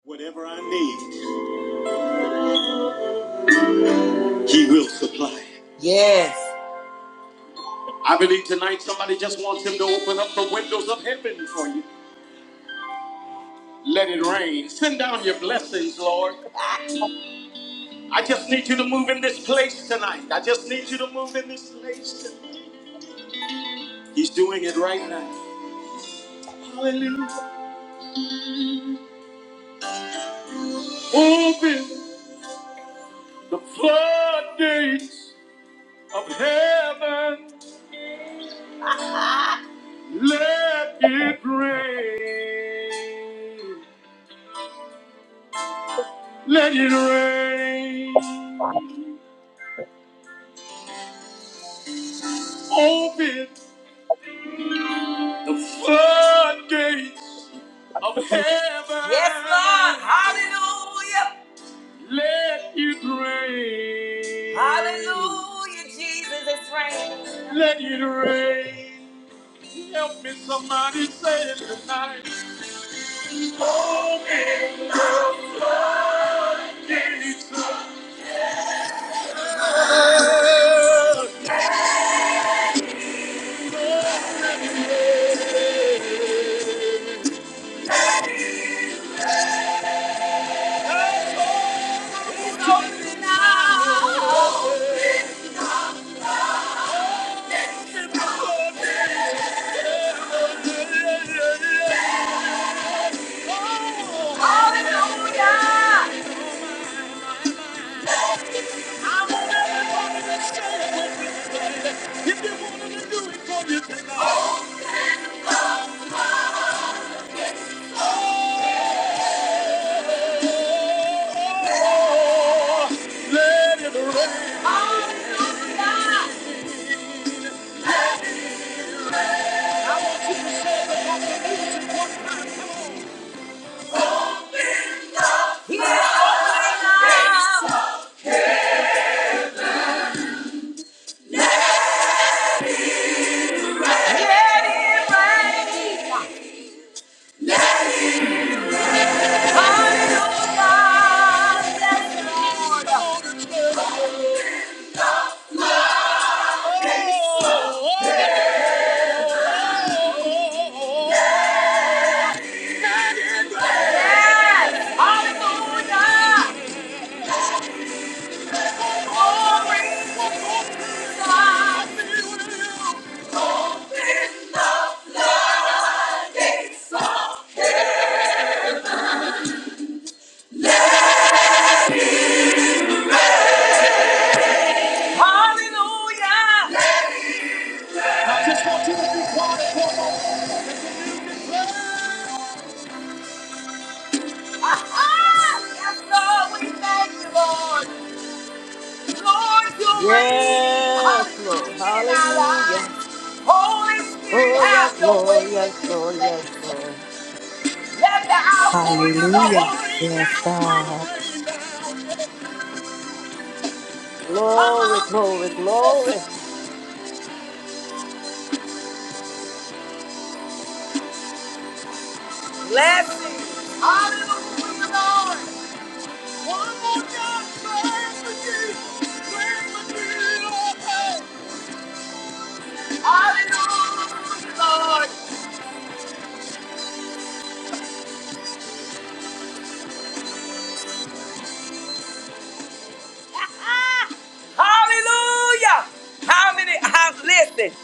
S1: Whatever I need, He will supply. Yes. I believe tonight somebody just wants Him to open up heaven for you. Let it rain. Send down your blessings, Lord. I just need you to move in this place tonight. I just need you to move in this place. tonight. He's doing it right now. Hallelujah. Open the floodgates of heaven. Let it rain. Let it rain. Open the floodgates of heaven. Yes, Lord. Hallelujah. Let it rain. Hallelujah, Jesus, it's raining. Let it rain. Help me, somebody say it tonight. Hallelujah! Holy
S2: yes, Lord. Hallelujah.
S1: Spirit,
S2: Oh,
S1: have
S2: yes,
S1: your
S2: Lord,
S1: way.
S2: yes, Lord, yes, Lord.
S1: Let the outpouring of the
S3: Hallelujah.
S1: Holy Spirit down,
S3: Yes, God.
S1: come
S2: Glory,
S1: on, rain down. Come on,
S2: glory,
S1: Jesus.
S2: glory.
S1: Blessings. Hallelujah, Lord. One more time, praise for Jesus. Praise for Jesus. Hallelujah, Lord. Ah, hallelujah. How many, how, listen,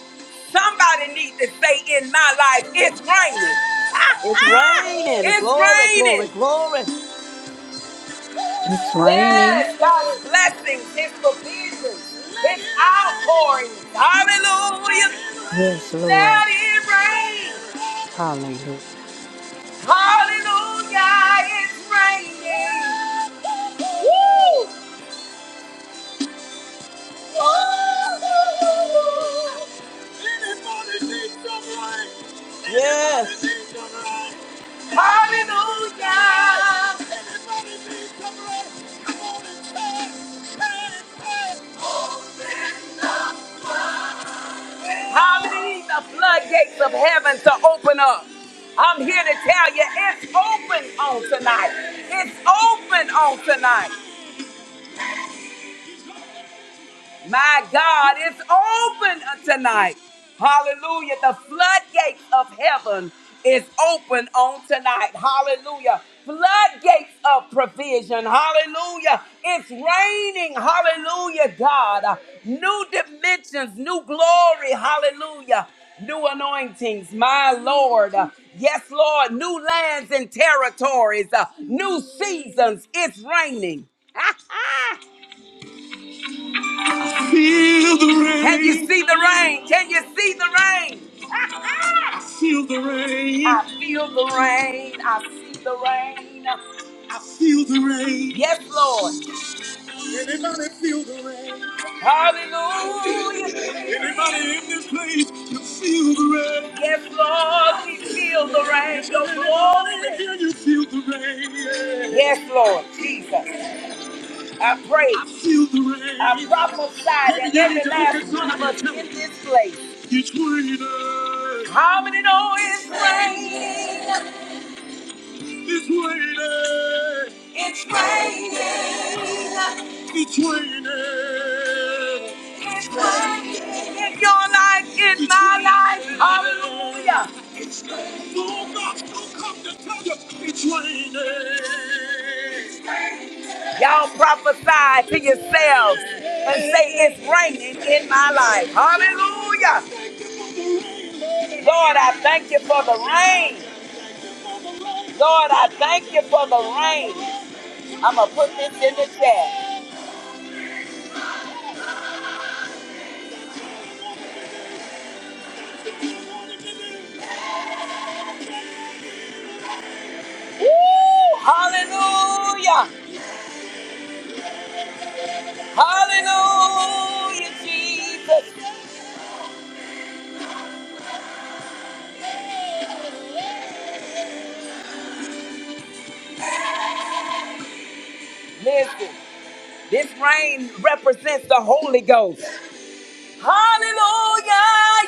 S1: somebody needs to say in my life, it's raining.
S2: It's
S1: Ah, ah,
S2: raining.
S1: it's
S2: Glory, glory,
S1: raining.
S2: glory.
S3: It's raining.
S1: Yes, God's blessings, His provisions, His outpourings. Hallelujah.
S3: Yes, Lord.
S1: Let it rain.
S3: Hallelujah.
S1: Hallelujah. It's raining. Woo! Anybody need some Anybody
S2: Yes,
S1: need some Hallelujah. Come on and pray. I need the floodgates of heaven to open up. I'm here to tell you it's open on tonight. It's open on tonight. My God, it's open tonight. Hallelujah. The floodgates of heaven is open on tonight. Hallelujah. Floodgates of provision. Hallelujah. It's raining. Hallelujah, God. New dimensions, new glory. Hallelujah. New anointings, my Lord. Yes, Lord. New lands and territories, uh, new seasons. It's raining. Feel the rain. Can you see the rain? Can you see the rain? I feel the rain. I feel the rain. I see the rain. I feel the rain. Yes, Lord. Anybody feel the rain? Hallelujah. Anybody in this place You feel the rain. Yes, Lord. We feel the rain. Is Your there anybody glory. here you feel the rain? Yes, Lord. Jesus. I pray. I feel the rain. I prophesy that Every last angel one of us in this place. It's raining. How many know it's raining? It's raining. It's raining. It's raining. It's raining. In your life, in my life. Hallelujah. It's raining. No, God, don't come to tell you. It's raining. Y'all prophesy to yourselves and say, It's raining in my life. Hallelujah. Lord, I thank you for the rain. Lord, I thank you for the rain. I'm going to put this in the chat. Woo! Hallelujah. Hallelujah, Jesus. Listen, this rain represents the Holy Ghost. Hallelujah.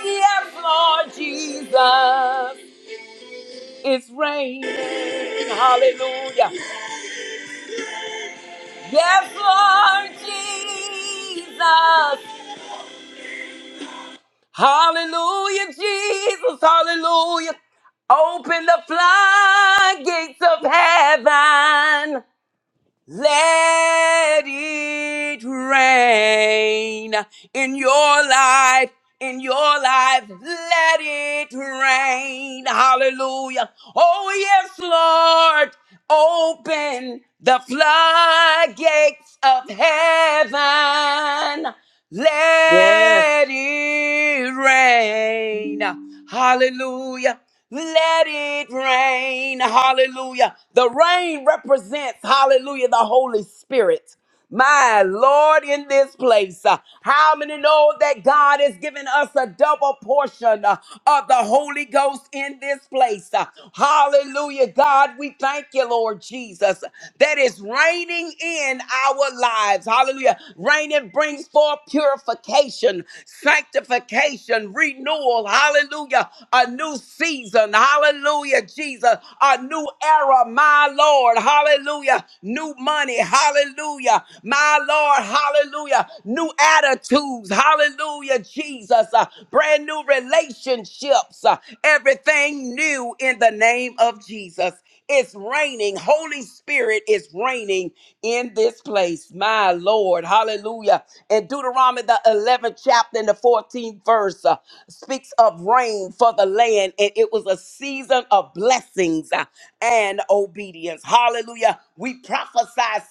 S1: Yes, Lord Jesus. It's raining. Hallelujah. Yes, Lord Jesus. Hallelujah, Jesus. Hallelujah. Open the floodgates of heaven. Let it rain in your life. In your life, let it rain. Hallelujah. Oh, yes, Lord. Open the floodgates of heaven.
S2: yes,
S1: Let it rain. Hallelujah. Let it rain. Hallelujah. The rain represents, hallelujah, the Holy Spirit. My Lord, in this place, uh, how many know that God has given us a double portion uh, of the Holy Ghost in this place? Uh, hallelujah. God, we thank you, Lord Jesus, that is raining in our lives. Hallelujah. Rain it brings forth purification, sanctification, renewal. Hallelujah. A new new season. Hallelujah, Jesus. A new era, my Lord. Hallelujah. New money. Hallelujah. My Lord. Hallelujah. New attitudes. Hallelujah, Jesus. Uh, brand new relationships. Uh, everything new in the name of Jesus. It's raining. Holy Spirit is raining in this place. My Lord. Hallelujah. And Deuteronomy, the 11th chapter and the 14th verse, uh, speaks of rain for the land. And it was a season of blessings uh, and obedience. Hallelujah. We prophesy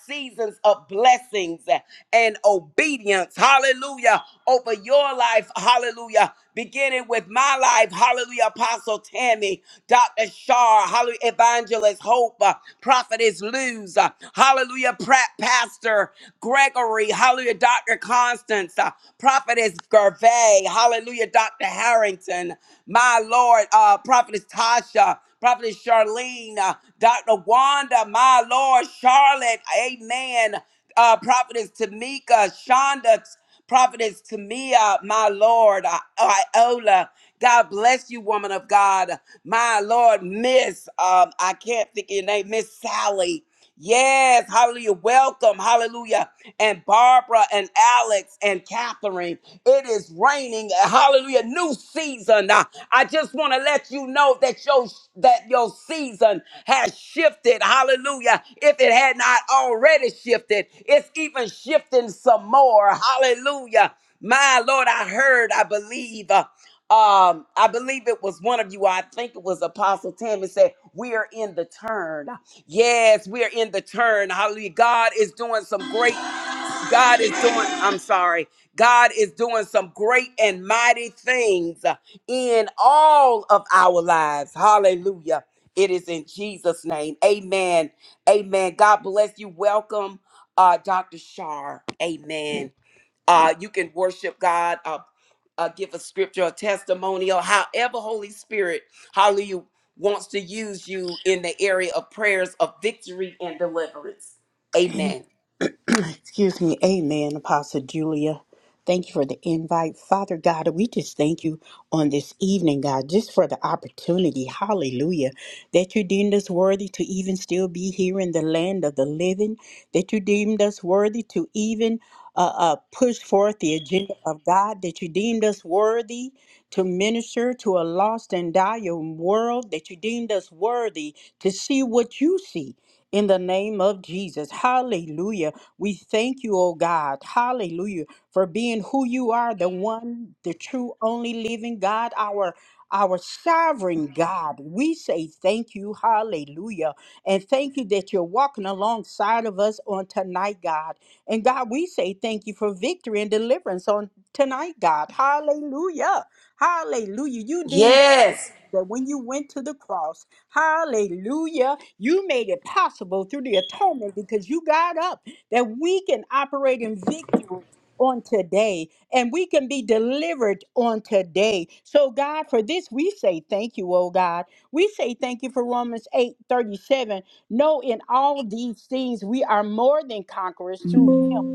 S1: seasons of blessings uh, and obedience. Hallelujah. Over your life. Hallelujah. Begin beginning with my life. Hallelujah, Apostle Tammy, Dr. Shar, Hallelujah, Evangelist Hope, uh, Prophetess Luz, uh, Hallelujah, Pratt Pastor Gregory, Hallelujah, Dr. Constance, uh, Prophetess Gervais, Hallelujah, Dr. Harrington, my Lord, uh, Prophetess Tasha, Prophetess Charlene, uh, Dr. Wanda, my Lord, Charlotte, amen. Uh, Prophetess Tamika, Shonda, Prophetess Tamia, my Lord, I- Iola. God bless you, woman of God. My Lord, Miss, um, I can't think of your name, Miss Sally. Yes, hallelujah. Welcome, hallelujah. And Barbara and Alex and Catherine, it is raining, hallelujah. New season. Now, I just want to let you know that your that your season has shifted. Hallelujah. If it had not already shifted, it's even shifting some more. Hallelujah. My Lord, I heard, I believe. uh, um, I believe it was one of you. I think it was Apostle Tim. It said, "We are in the turn." Yes, we are in the turn. Hallelujah! God is doing some great. God is doing. I'm sorry. God is doing some great and mighty things in all of our lives. Hallelujah! It is in Jesus' name. Amen. Amen. God bless you. Welcome, uh, Dr. Shar. Amen. Uh, you can worship God, uh, uh, give a scripture, a testimonial, however Holy Spirit, hallelujah, wants to use you in the area of prayers of victory and deliverance. Amen.
S3: Excuse me. Amen, Apostle Julia. Thank you for the invite. Father God, we just thank you on this evening, God, just for the opportunity, hallelujah, that you deemed us worthy to even still be here in the land of the living, that you deemed us worthy to even uh, uh, push forth the agenda of God, that you deemed us worthy to minister to a lost and dying world, that you deemed us worthy to see what you see in the name of Jesus. Hallelujah. We thank you, oh God, hallelujah, for being who you are, the one, the true, only living God, our our sovereign God. We say thank you, hallelujah. And thank you that you're walking alongside of us on tonight, God. And God, we say thank you for victory and deliverance on tonight, God. Hallelujah. Hallelujah. You deemed us
S1: Yes,
S3: worthy that when you went to the cross, hallelujah, you made it possible through the atonement because you got up that we can operate in victory on today and we can be delivered on today. So God, for this we say thank you, oh God. We say thank you for Romans eight thirty seven. 37. No, in all these things we are more than conquerors through him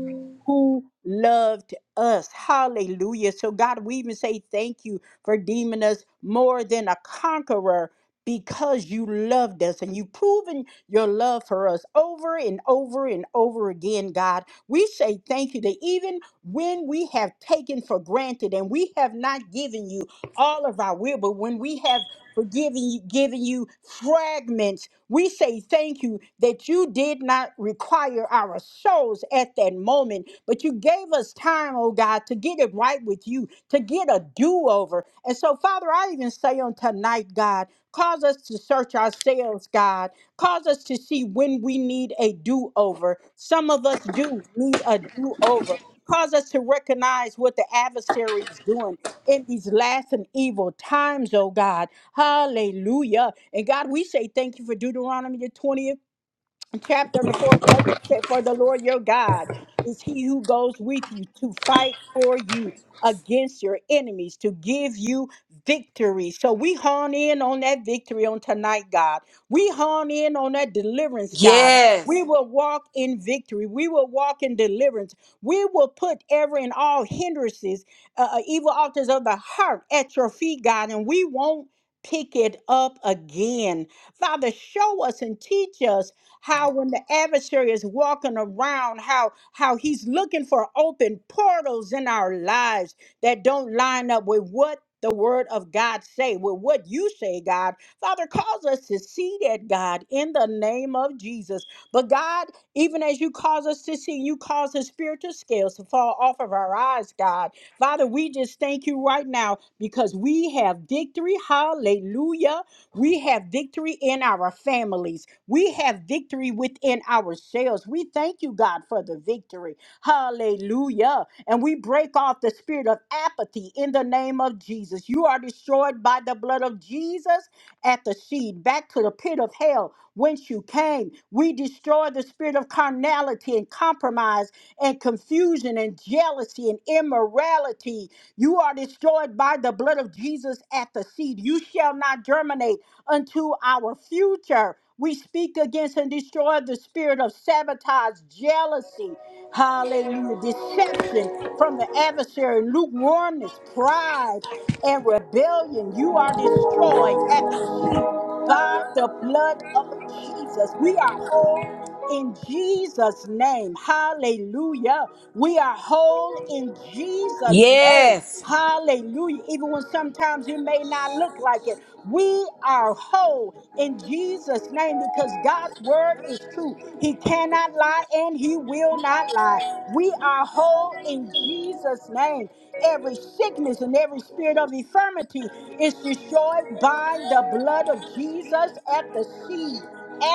S3: who loved us. Hallelujah. So God, we even say thank you for deeming us more than a conqueror because you loved us and you proven your love for us over and over and over again, God. We say thank you that even when we have taken for granted and we have not given you all of our will, but when we have forgiven you, given you fragments, we say thank you that you did not require our souls at that moment, but you gave us time, oh God, to get it right with you, to get a do over. And so, Father, I even say on tonight, God, cause us to search ourselves, God Cause us to see when we need a do over. Some of us do need a do over. Cause us to recognize what the adversary is doing in these last and evil times, oh God. Hallelujah. And God, we say thank you for Deuteronomy the twentieth chapter and the fourth verse it said, For the Lord your God is he who goes with you to fight for you against your enemies, to give you victory. So we hone in on that victory on tonight, God. We hone in on that deliverance, God. We
S1: yes,
S3: will walk in victory. We will walk in deliverance. We will put every and all hindrances, uh, uh, evil altars of the heart at your feet, God, and we won't pick it up again. Father, show us and teach us how when the adversary is walking around, how how he's looking for open portals in our lives that don't line up with what the word of God say, with what you say, God. Father, cause us to see that, God, in the name of Jesus. But God, even as you cause us to see, you cause the spiritual scales to fall off of our eyes, God. Father, we just thank you right now because we have victory. Hallelujah we have victory in our families. We have victory within ourselves. We thank you, God, for the victory. Hallelujah. And we break off the spirit of apathy in the name of Jesus. You are destroyed by the blood of Jesus at the seed, back to the pit of hell whence you came. We destroy the spirit of carnality and compromise and confusion and jealousy and immorality. You are destroyed by the blood of Jesus at the seed. You shall not germinate unto our future. We speak against and destroy the spirit of sabotage, jealousy, hallelujah, deception from the adversary, lukewarmness, pride, and rebellion. You are destroyed at the seed by the blood of Jesus. We are whole in Jesus' name. Hallelujah. We are whole in Jesus' name.
S1: yes.
S3: Hallelujah. Even when sometimes it may not look like it, we are whole in Jesus' name because God's word is true. He cannot lie and he will not lie. We are whole in Jesus' name. Every sickness and every spirit of infirmity is destroyed by the blood of Jesus at the seed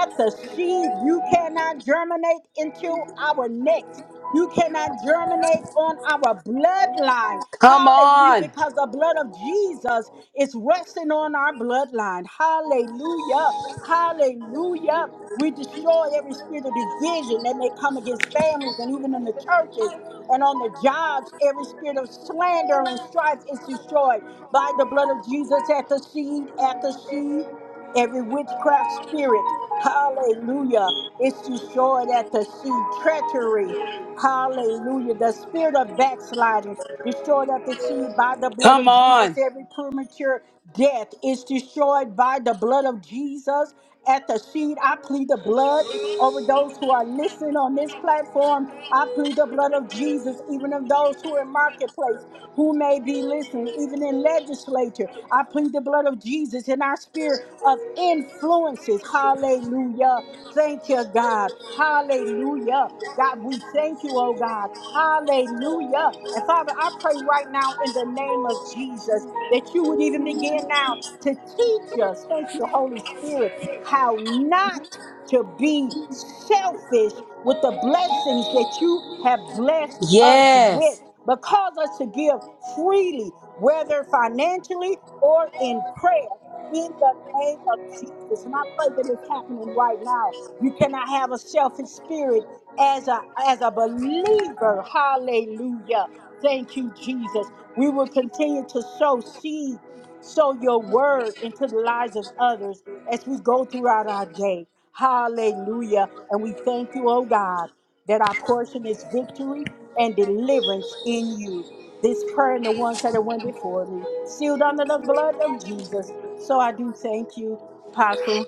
S3: at the seed. You cannot germinate into our next. You cannot germinate on our bloodline.
S1: Come
S3: Hallelujah.
S1: on,
S3: Because the blood of Jesus is resting on our bloodline. Hallelujah. Hallelujah. We destroy every spirit of division that may come against families and even in the churches and on the jobs. Every spirit of slander and strife is destroyed by the blood of Jesus at the seed, at the seed every witchcraft spirit, hallelujah, is destroyed at the sea. Treachery, hallelujah, the spirit of backsliding, destroyed at the sea by the blood
S1: come
S3: of Jesus.
S1: on.
S3: Every premature death is destroyed by the blood of Jesus at the seed. I plead the blood over those who are listening on this platform. I plead the blood of Jesus, even of those who are in marketplace, who may be listening, even in legislature. I plead the blood of Jesus in our sphere of influences. Hallelujah. Thank you, God. Hallelujah. God, we thank you, oh God. Hallelujah. And Father, I pray right now in the name of Jesus that you would even begin now to teach us, thank you, Holy Spirit, how not to be selfish with the blessings that you have blessed us with,
S1: Yes,
S3: but cause us to give freely, whether financially or in prayer, in the name of Jesus. And I pray that it's happening right now. You cannot have a selfish spirit as a as a believer. Hallelujah. Thank you, Jesus. We will continue to sow seed, sow your word into the lives of others as we go throughout our day. Hallelujah. And we thank you, oh God, that our portion is victory and deliverance in you. This prayer and the ones that went before me, sealed under the blood of Jesus. So I do thank you, Apostle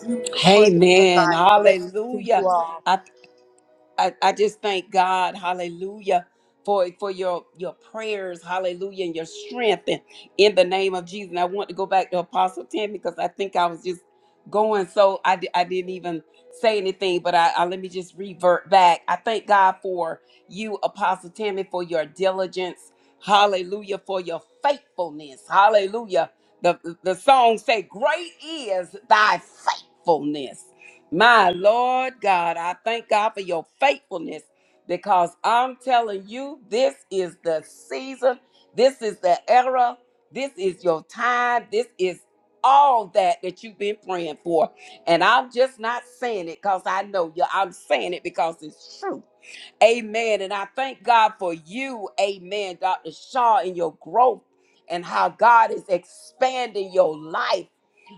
S3: Julia, for the
S1: Amen.
S3: invite. Blessings to you
S1: Hallelujah.
S3: all.
S1: I, I, I just thank God, hallelujah, for for your your prayers, hallelujah, and your strength and in the name of Jesus. And I want to go back to Apostle Tim because I think I was just going so I, di- I didn't even say anything, but I, I let me just revert back. I thank God for you, Apostle Tammy, for your diligence, hallelujah, for your faithfulness, hallelujah. The the song say, Great is thy faithfulness. My Lord God, I thank God for your faithfulness because I'm telling you, this is the season, this is the era, this is your time, this is all that that you've been praying for. And I'm just not saying it because I know you. I'm saying it because it's true. Amen. And I thank God for you, amen, Dr. Shaw, and your growth and how God is expanding your life.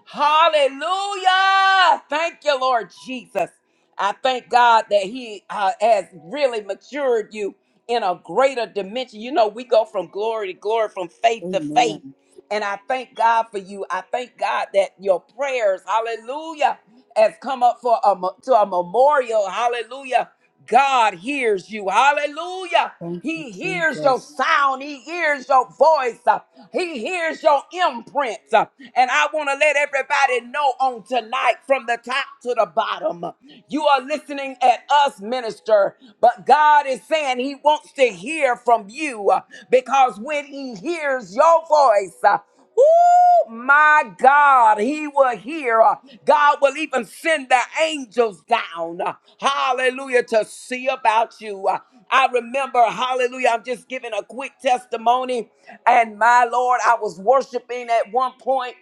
S1: Hallelujah. Thank you, Lord Jesus. I thank God that He uh, has really matured you in a greater dimension. You know, we go from glory to glory, from faith to faith.
S3: Amen.
S1: And I thank God for you. I thank God that your prayers, hallelujah, has come up for a, mo- to a memorial, hallelujah, God hears you. Hallelujah.
S3: Thank you,
S1: He hears your
S3: Jesus.
S1: sound. He hears your voice. Uh, He hears your imprint. Uh, And I want to let everybody know on tonight from the top to the bottom. uh, You are listening at us, minister, but God is saying He wants to hear from you uh, because when He hears your voice, uh, Woo, my God, he will hear. Uh, God will even send the angels down. uh, Hallelujah to see about you. Uh, I remember, hallelujah, I'm just giving a quick testimony. And my Lord, I was worshiping at one point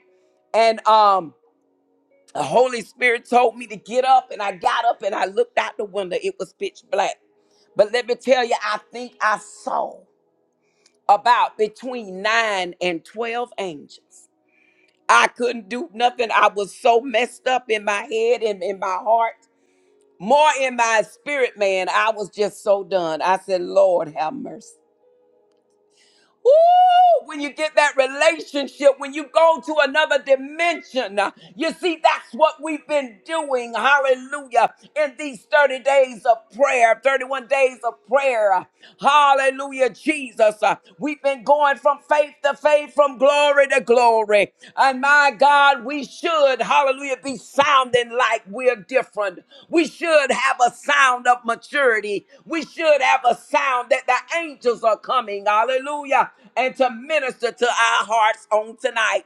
S1: and um the Holy Spirit told me to get up, and I got up and I looked out the window. It was pitch black. But let me tell you, I think I saw about between nine and 12 angels. I couldn't do nothing. I was so messed up in my head and in my heart, more in my spirit, man. I was just so done. I said, Lord, have mercy. Ooh, when you get that relationship, when you go to another dimension, uh, you see, that's what we've been doing. Hallelujah. In these 30 days of prayer, 31 days of prayer. Hallelujah, Jesus. Uh, We've been going from faith to faith, from glory to glory. And my God, we should, hallelujah, be sounding like we're different. We should have a sound of maturity. We we should have a sound that the angels are coming. Hallelujah. And to minister to our hearts on tonight.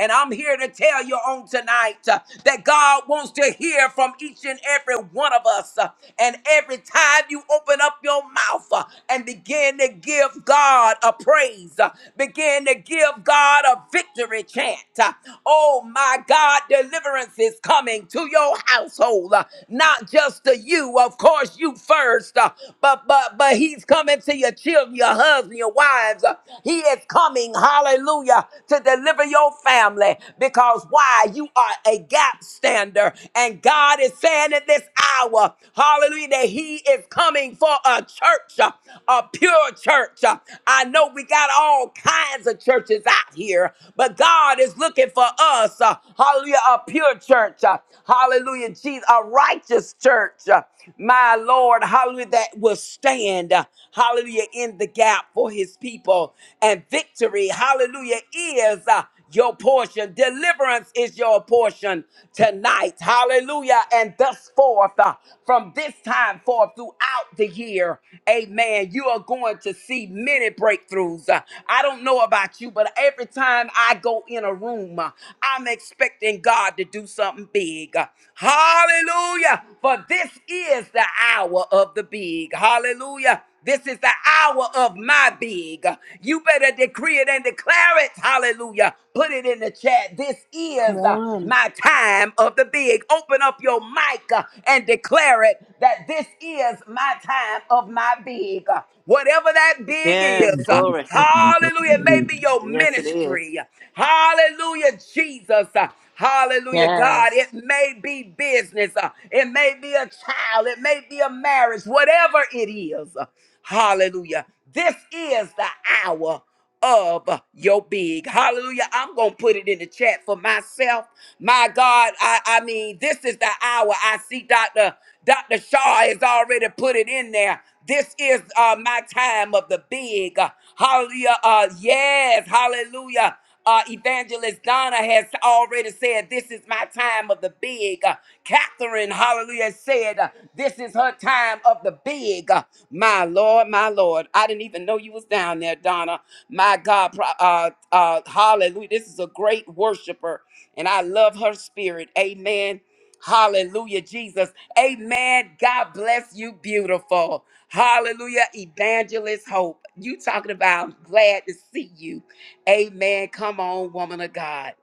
S1: And I'm here to tell you on tonight uh, that God wants to hear from each and every one of us. Uh, And every time you open up your mouth uh, and begin to give God a praise, uh, begin to give God a victory chant. Uh, Oh my God, deliverance is coming to your household soul, uh, not just to you, of course, you first, uh, but but but he's coming to your children, your husband, your wives. uh, he is coming, hallelujah, to deliver your family because why? You are a gap stander, and God is saying in this hour, hallelujah, that he is coming for a church, uh, a pure church. uh, I know we got all kinds of churches out here, but God is looking for us, uh, hallelujah, a pure church, uh, hallelujah, Jesus, a righteous church, uh, my Lord, hallelujah, that will stand, uh, hallelujah, in the gap for his people. And victory, hallelujah, is uh, your portion. Deliverance is your portion tonight. Hallelujah. And thus forth, uh, from this time forth throughout the year, amen, you are going to see many breakthroughs. Uh, I don't know about you, but every time I go in a room, uh, I'm expecting God to do something big. Hallelujah. For this is the hour of the big. Hallelujah. This is the hour of my big. You better decree it and declare it. Hallelujah. Put it in the chat. This
S3: Come
S1: is uh,
S3: on.
S1: my time of the big. Open up your mic uh, and declare it that this is my time of my big whatever that big
S2: yes,
S1: is. uh,
S2: glory.
S1: Hallelujah. It may be your
S2: Yes, it is.
S1: ministry. Hallelujah, Jesus. Uh, Hallelujah, God.
S4: Yes.
S1: It may be business. Uh, It may be a child. It may be a marriage. Whatever it is. uh, Hallelujah. This is the hour of your big. Hallelujah. I'm going to put it in the chat for myself. My God, I, I mean, this is the hour. I see Dr. Dr. Shaw has already put it in there. This is uh, my time of the big. Hallelujah. Uh, yes. Hallelujah. Uh, Evangelist Donna has already said, This is my time of the big. Uh, Catherine, hallelujah, said, uh, This is her time of the big. Uh, my Lord, my Lord. I didn't even know you was down there, Donna. My God, pro- uh, uh, hallelujah. This is a great worshiper, and I love her spirit. Amen. Hallelujah, Jesus. Amen. God bless you, beautiful. Hallelujah, evangelist hope. You talking about glad to see you. Amen. Come on, woman of God,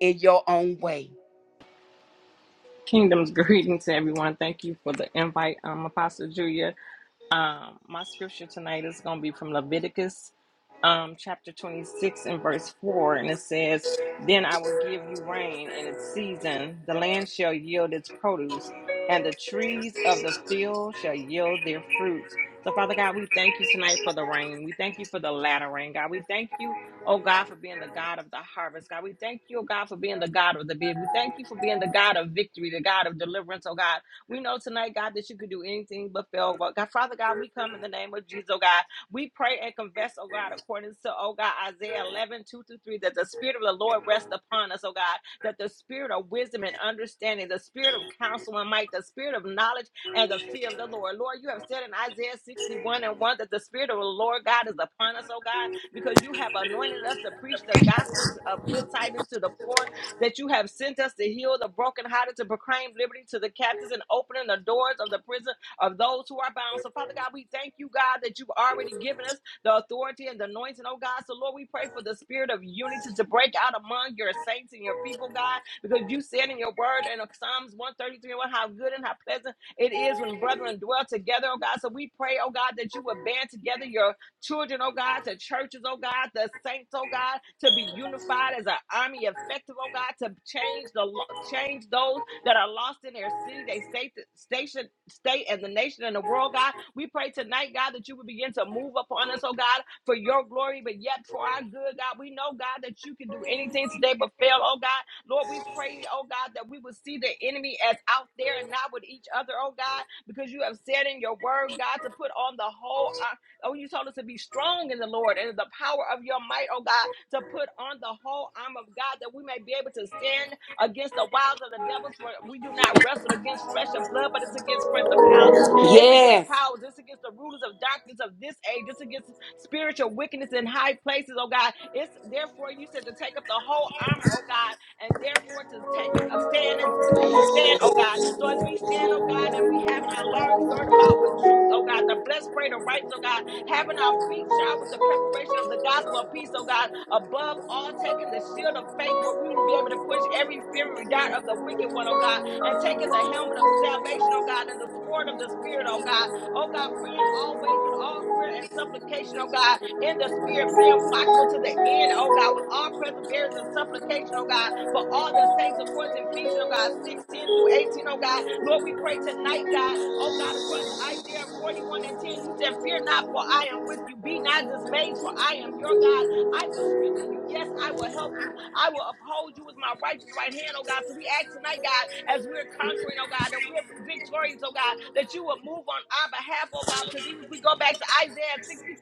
S1: in your own way.
S4: Kingdom's greetings to everyone. Thank you for the invite, um, Apostle Julia. Um, my scripture tonight is going to be from Leviticus um, chapter 26 and verse 4. And it says, Then I will give you rain in its season, the land shall yield its produce, and the trees of the field shall yield their fruits. So, Father God, we thank you tonight for the rain. We thank you for the latter rain, God. We thank you, oh God, for being the God of the harvest, God. We thank you, oh God, for being the God of the bid. We thank you for being the God of victory, the God of deliverance, oh God. We know tonight, God, that you can do anything but fail. But God, Father God, we come in the name of Jesus, oh God. We pray and confess, oh God, according to, oh God, Isaiah eleven two 2 through 3, that the Spirit of the Lord rests upon us, oh God, that the Spirit of wisdom and understanding, the Spirit of counsel and might, the Spirit of knowledge and the fear of the Lord. Lord, you have said in Isaiah 61 and 1 that the Spirit of the Lord God is upon us, oh God, because you have anointed us to preach the gospel of good tidings to the poor that you have sent us to heal the brokenhearted, to proclaim liberty to the captives, and opening the doors of the prison of those who are bound. So, Father God, we thank you, God, that you've already given us the authority and the anointing, oh God. So, Lord, we pray for the spirit of unity to break out among your saints and your people, God, because you said in your word in Psalms 133 and how good and how pleasant it is when brethren dwell together, oh God. So, we pray, oh God, that you would band together your children, oh God, to churches, oh God, the saints, oh God, to be unified as an army effective, oh God, to change the lo- change those that are lost in their city, they state station, state, and the nation and the world, God. We pray tonight, God, that you would begin to move upon us, oh God, for your glory, but yet for our good, God. We know, God, that you can do anything today but fail, oh God. Lord, we pray, oh God, that we would see the enemy as out there and not with each other, oh God, because you have said in your word, God, to put on the whole Oh, you told us to be strong in the Lord and in the power of your might, oh God, to put on the whole arm of God that we may be able to stand against the wiles of the devils. For we do not wrestle against flesh and blood, but it's against principalities, it's against
S1: Yes.
S4: powers, it's against the rulers of darkness of this age, it's against spiritual wickedness in high places, oh God. It's therefore you said to take up the whole armor, oh God, and therefore to take it a stand and, and to stand, oh God. So as we stand, oh God, and we have in our loins girt about with truth, oh God, the blessed pray the right, oh God having our feet shod with the preparation of the gospel of peace, oh God, above all, taking the shield of faith where we will be able to quench every fiery dart of the wicked one, oh God, and taking the helmet of salvation, oh God, and the sword of the spirit, oh God, oh God, praying always with all prayer and supplication, oh God, in the spirit, being watchful to the end, oh God, with all perseverance and supplication, oh God, for all the saints, according to Ephesians, oh God, six ten through 18, O God. Lord, we pray tonight, God, oh God, according to Isaiah 41 and 10, you said, Fear not, for I am with you. Be not dismayed, for I am your God. I will strengthen you. Yes, I will help you. I will uphold you with my righteous right hand, oh God. So we ask tonight, God, as we're conquering, oh God, that we're victorious, oh God, that you will move on our behalf, oh God, because even if we go back to Isaiah 65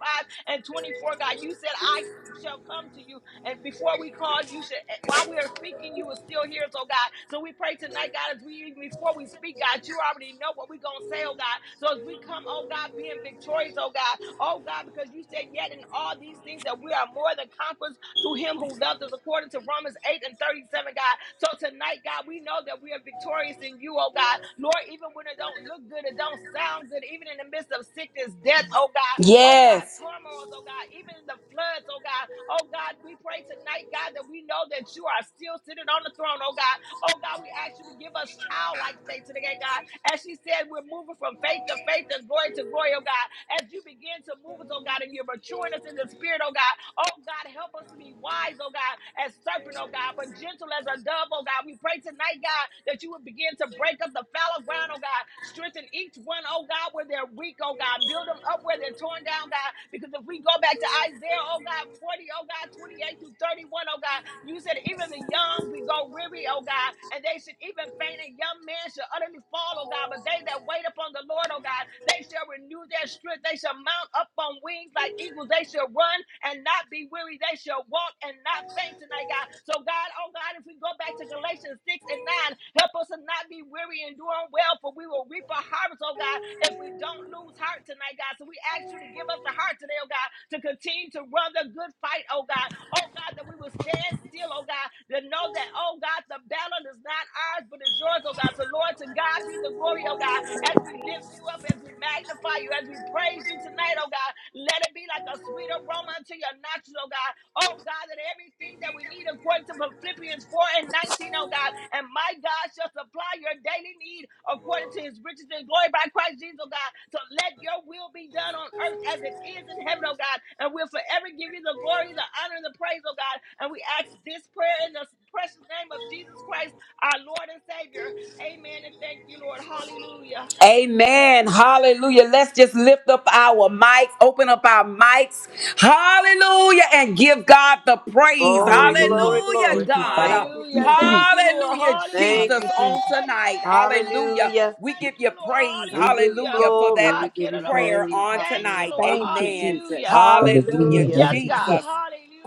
S4: and 24, God. You said, I shall come to you. And before we call, you should, eh, while we are speaking, you are still here, so God. So we pray tonight, God, as we, even before we speak, God, you already know what we're going to say, oh God. So as we come, oh God, being victorious, oh God, oh God, because you said, yet in all these things that we are more than conquerors through him who loved us, according to Romans 8 and 37, God. So tonight, God, we know that we are victorious in you, oh God. Lord, even when it don't look good, it don't sound good, even in the midst of sickness, death, oh God oh God,
S1: Yes.
S4: turmoils, oh God, even in the floods, oh God, oh God, we pray tonight, God, that we know that you are still sitting on the throne, oh God, oh God, we ask you to give us childlike faith today, God, as she said, we're moving from faith to faith and glory to glory, oh God, as you begin to move us, oh God, and you're maturing us in the spirit, oh God, Oh God, help us to be wise, oh God, as serpent, oh God, but gentle as a dove, oh God. We pray tonight, God, that you would begin to break up the fallow ground, oh God. Strengthen each one, oh God, where they're weak, oh God. Build them up where they're torn down, God. Because if we go back to Isaiah, oh God, 40, Oh God, 28 through 31, Oh God, you said even the young we go weary, oh God, and they should even faint, and young men should utterly fall, oh God. But they that wait upon the Lord, oh God, they shall renew their strength. They they shall mount up on wings like eagles. They shall run and not be weary. They shall walk and not faint tonight, God. So, God, oh God, if we go back to Galatians 6 and 9, help us to not be weary and doing well, for we will reap a harvest, oh God, if we don't lose heart tonight, God. So, we ask you to give us the heart today, oh God, to continue to run the good fight, oh God. Oh God, that we will stand still, oh God, to know that, oh God, the battle is not ours, but it's yours, oh God. So, Lord, to God be the glory, oh oh God, as we lift you up, as we magnify you, as we praise you tonight, oh God. Let it be like a sweet aroma unto your nostrils, oh God. Oh God, that everything that we need according to Philippians 4 and 19, oh God. And my God shall supply your daily need according to his riches and glory by Christ Jesus, oh God. So let your will be done on earth as it is in heaven, oh God. And we'll forever give you the glory, the honor, and the praise, oh God. And we ask this prayer in the precious name of Jesus Christ, our Lord and Savior. Amen. And thank you, Lord. Hallelujah.
S1: Amen. Hallelujah. Let's just lift up our mics, open up our mics. Hallelujah. And give God the praise.
S2: Glory,
S3: Hallelujah.
S2: glory,
S1: Hallelujah,
S2: glory.
S3: Thank you,
S1: God. Uh,
S3: Father.
S2: Thank you,
S4: Hallelujah.
S3: Father,
S4: Thank
S2: Jesus.
S4: you, Lord.
S1: Hallelujah,
S2: Thank
S1: Jesus,
S2: you,
S4: Hallelujah.
S1: on
S2: Jesus.
S1: tonight. Hallelujah.
S4: Yes.
S2: Hallelujah.
S1: We
S4: Thank
S1: give
S4: you,
S1: you
S4: Lord.
S1: praise.
S2: We give you
S4: Hallelujah.
S1: Hallelujah for that
S2: glory.
S4: Ha,
S2: We give you
S1: prayer
S2: praise.
S4: kidadabosi.
S1: on
S4: Thank
S2: Hallelujah.
S4: you,
S1: tonight.
S4: Lord.
S7: Thank you,
S1: Amen.
S4: Hallelujah.
S7: Jesus.
S1: Hallelujah,
S6: Hallelujah,
S2: Hallelujah.
S4: Yes,
S6: hallelujah.
S4: God.
S1: Jesus.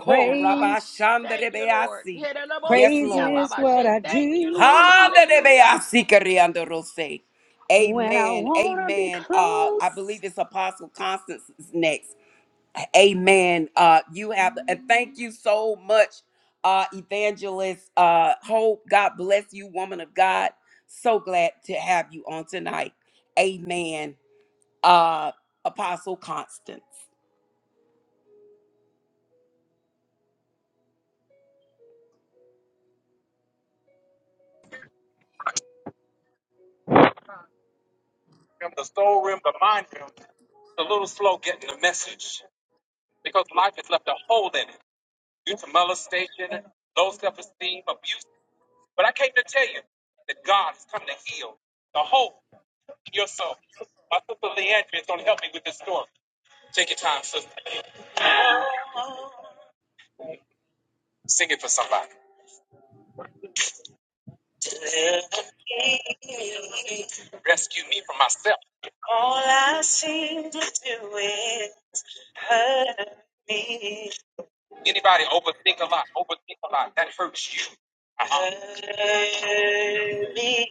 S1: Ko
S4: Ha.
S7: Praise,
S4: Thank you, Lord.
S1: rabashandarebeasi. Yes,
S4: Hidadabosi,
S7: praise
S1: Lord.
S7: is what
S4: ababashe.
S7: I
S4: Thank you, Lord.
S7: do
S4: Hallelujah.
S1: Handadebeasikariandorose.
S7: when I
S1: Amen.
S7: want to be
S1: Amen. Uh, I
S7: close.
S1: believe it's Apostle Constance is next. Amen. Uh, you have and thank you so much, uh, evangelist. Uh, hope God bless you, woman of God. So glad to have you on tonight. Amen. Uh, Apostle Constance.
S6: All I seem to do is hurt me, hurt me.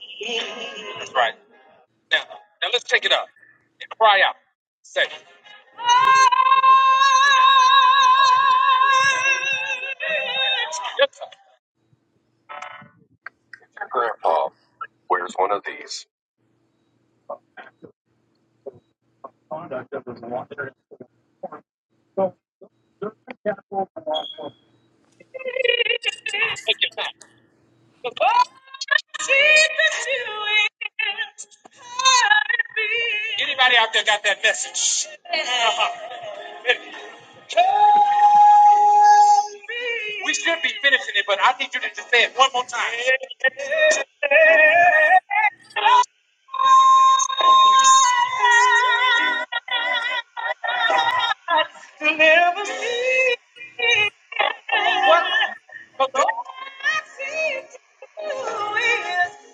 S6: All I seem to do is hurt me, hurt me. Never see what I see to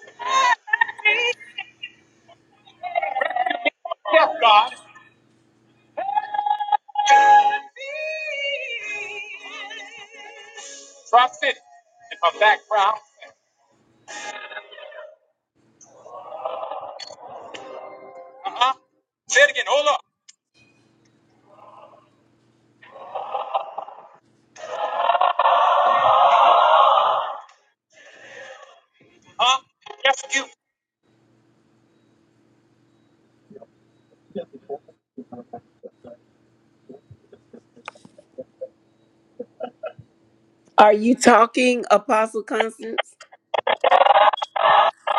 S1: Are you talking, Apostle Constance?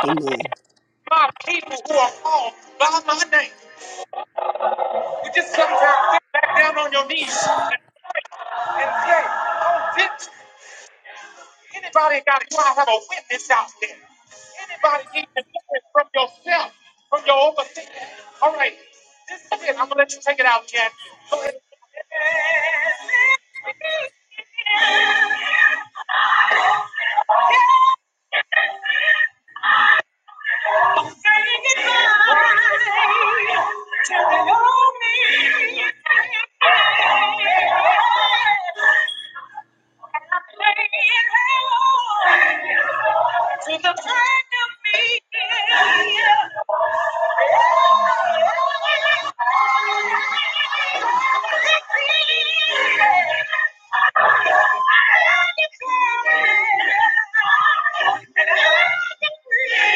S1: Amen.
S6: it. To the friend of me, yeah. Thank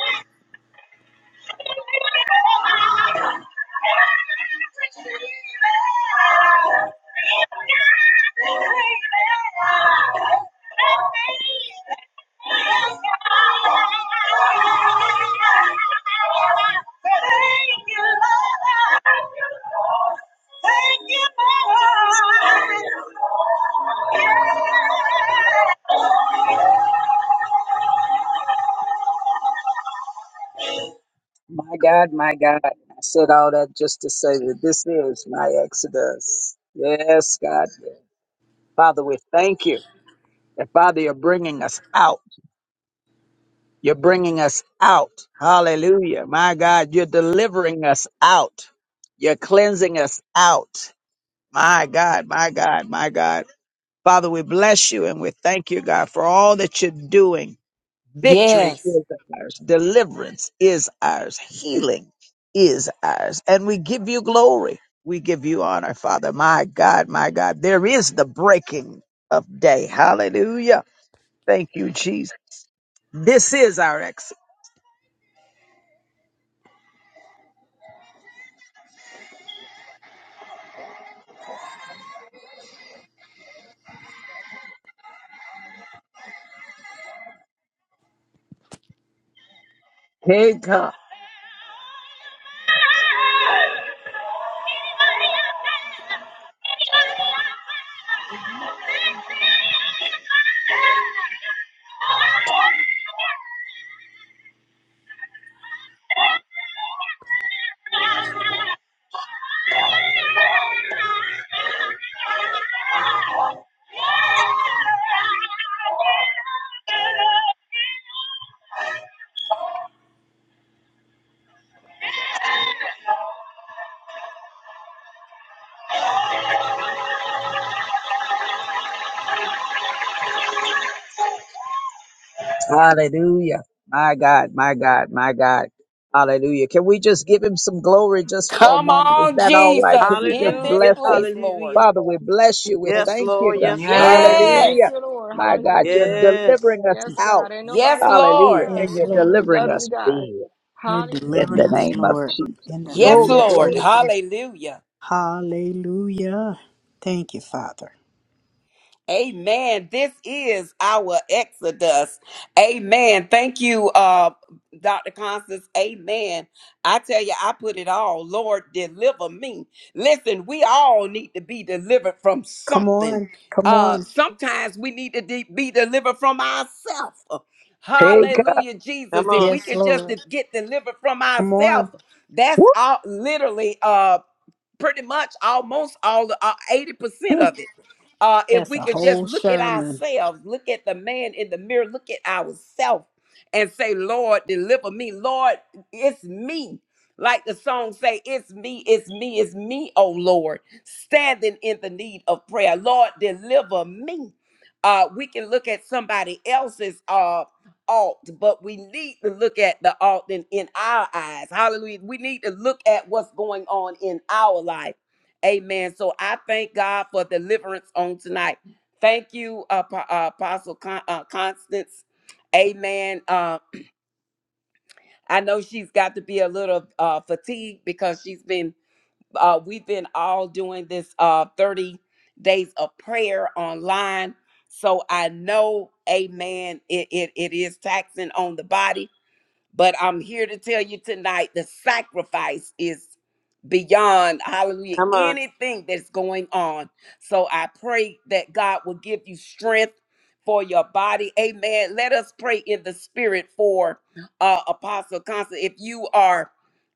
S6: you. Thank you, Lord. My God, my God. I said all that just to say that this is my Exodus. Yes, God. yes. Father, we thank you that, Father, you're bringing us out. You're bringing us out. Hallelujah. My God, you're delivering us out. You're cleansing us out. My God, my God, my God. Father, we bless you and we thank you, God, for all that you're doing. Victory
S1: Yes.
S6: is ours. Deliverance is ours. Healing is ours. And we give you glory. We give you honor, Father. My God, my God. There is the breaking of day. Hallelujah. Thank you, Jesus. This is our exit. Hey, God. Hallelujah. My God, my God, my God. Hallelujah. Can we just give him some glory just for a
S1: Come
S6: moment? Is
S1: on,
S6: that all right?
S1: Jesus,
S6: Can we just
S1: in this
S6: bless
S2: Hallelujah.
S6: him?
S1: place, Lord.
S2: Hallelujah.
S6: Father, we bless you. We
S3: bless
S2: Yes,
S3: you,
S6: thank you,
S2: Lord.
S3: Lord.
S6: God.
S2: Yes, Lord. Yes,
S4: Yes.
S2: Lord.
S3: Hallelujah.
S4: Thank
S1: Yes.
S6: Hallelujah.
S4: you, Lord.
S6: My God, you're
S4: Hallelujah.
S2: Yes.
S6: delivering us
S4: Yes,
S6: out.
S4: God. Ain't
S1: Yes,
S4: nobody like you,
S6: Hallelujah.
S1: Lord.
S6: And
S3: Yes,
S6: you're
S4: God. We
S3: Lord.
S6: delivering
S4: love you,
S6: us
S4: God.
S6: in
S3: You're
S6: in
S3: delivering
S6: the
S4: Hallelujah.
S3: us,
S6: name of
S3: Lord,
S6: Jesus.
S3: in the
S1: Yes,
S3: name of
S6: Glory,
S1: Lord.
S6: glory.
S3: Jesus.
S1: Hallelujah.
S3: Hallelujah. Thank you, Father.
S1: Amen. This is our Exodus. Amen. Thank you, uh, Dr. Constance. Amen. I tell you, I put it all. Lord, deliver me. Listen, we all need to be delivered from
S3: Come
S1: something.
S3: on. Come
S1: Uh,
S3: on.
S1: sometimes we need to de- be delivered from ourselves.
S6: Hey, God.
S1: Hallelujah,
S2: Come
S1: Jesus. If
S2: on.
S1: we
S3: Yes,
S1: can just de-
S3: Lord.
S1: get delivered from
S3: Come
S1: ourselves,
S3: on.
S1: that's
S6: Woo.
S1: all literally uh pretty much almost all the uh, eighty percent of it. Uh, if
S3: That's
S1: we
S3: a
S1: could just
S3: whole
S1: look at
S3: sermon.
S1: ourselves, look at the man in the mirror, look at ourselves, and say, "Lord, deliver me, Lord, it's me." Like the song say, "It's me, it's me, it's me, oh Lord, standing in the need of prayer, Lord, deliver me." Uh, we can look at somebody else's. uh, ought, but we need to look at the ought in, in our eyes. Hallelujah. We need to look at what's going on in our life. Amen. So I thank God for deliverance on tonight. Thank you, uh, Pa- uh, Apostle Con- uh, Constance. Amen. Uh, I know she's got to be a little uh, fatigued because she's been, uh, we've been all doing this uh, 30 days of prayer online. So I know, amen, it, it, it is taxing on the body but I'm here to tell you tonight the sacrifice is beyond hallelujah
S2: Come on.
S1: anything that's going on. So I pray that God will give you strength for your body. Amen. Let us pray in the spirit for uh Apostle Constance. If you are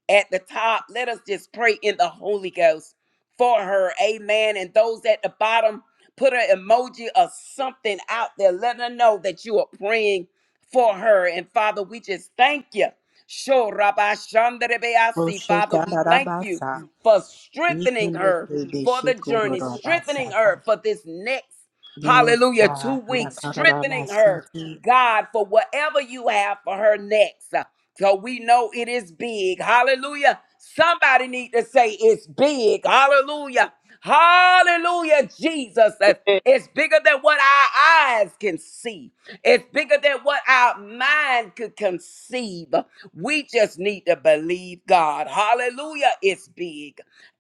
S1: at the top, let us just pray in the Holy Ghost for her. Amen. And those at the bottom, put an emoji or something out there. Let her know that you are praying for her. And Father, we just thank you. Sho Rabbi Shandarebeasi. Father,
S3: Roshika
S1: we thank you
S3: darabasa.
S1: for strengthening her for the journey, strengthening
S3: Nikundurubishikurudarabasa.
S1: her for this next.
S3: Yes,
S1: Hallelujah.
S3: God.
S1: Two weeks strengthening her,
S3: Nakarabasiki.
S1: God, for whatever you have for her next. Uh, So we know it is big. Hallelujah. Somebody need to say it's big. Hallelujah. Hallelujah, Jesus. That
S2: Hey.
S1: It's bigger than what our eyes can see. It's bigger than what our mind could conceive. We just need to believe God. Hallelujah. It's big.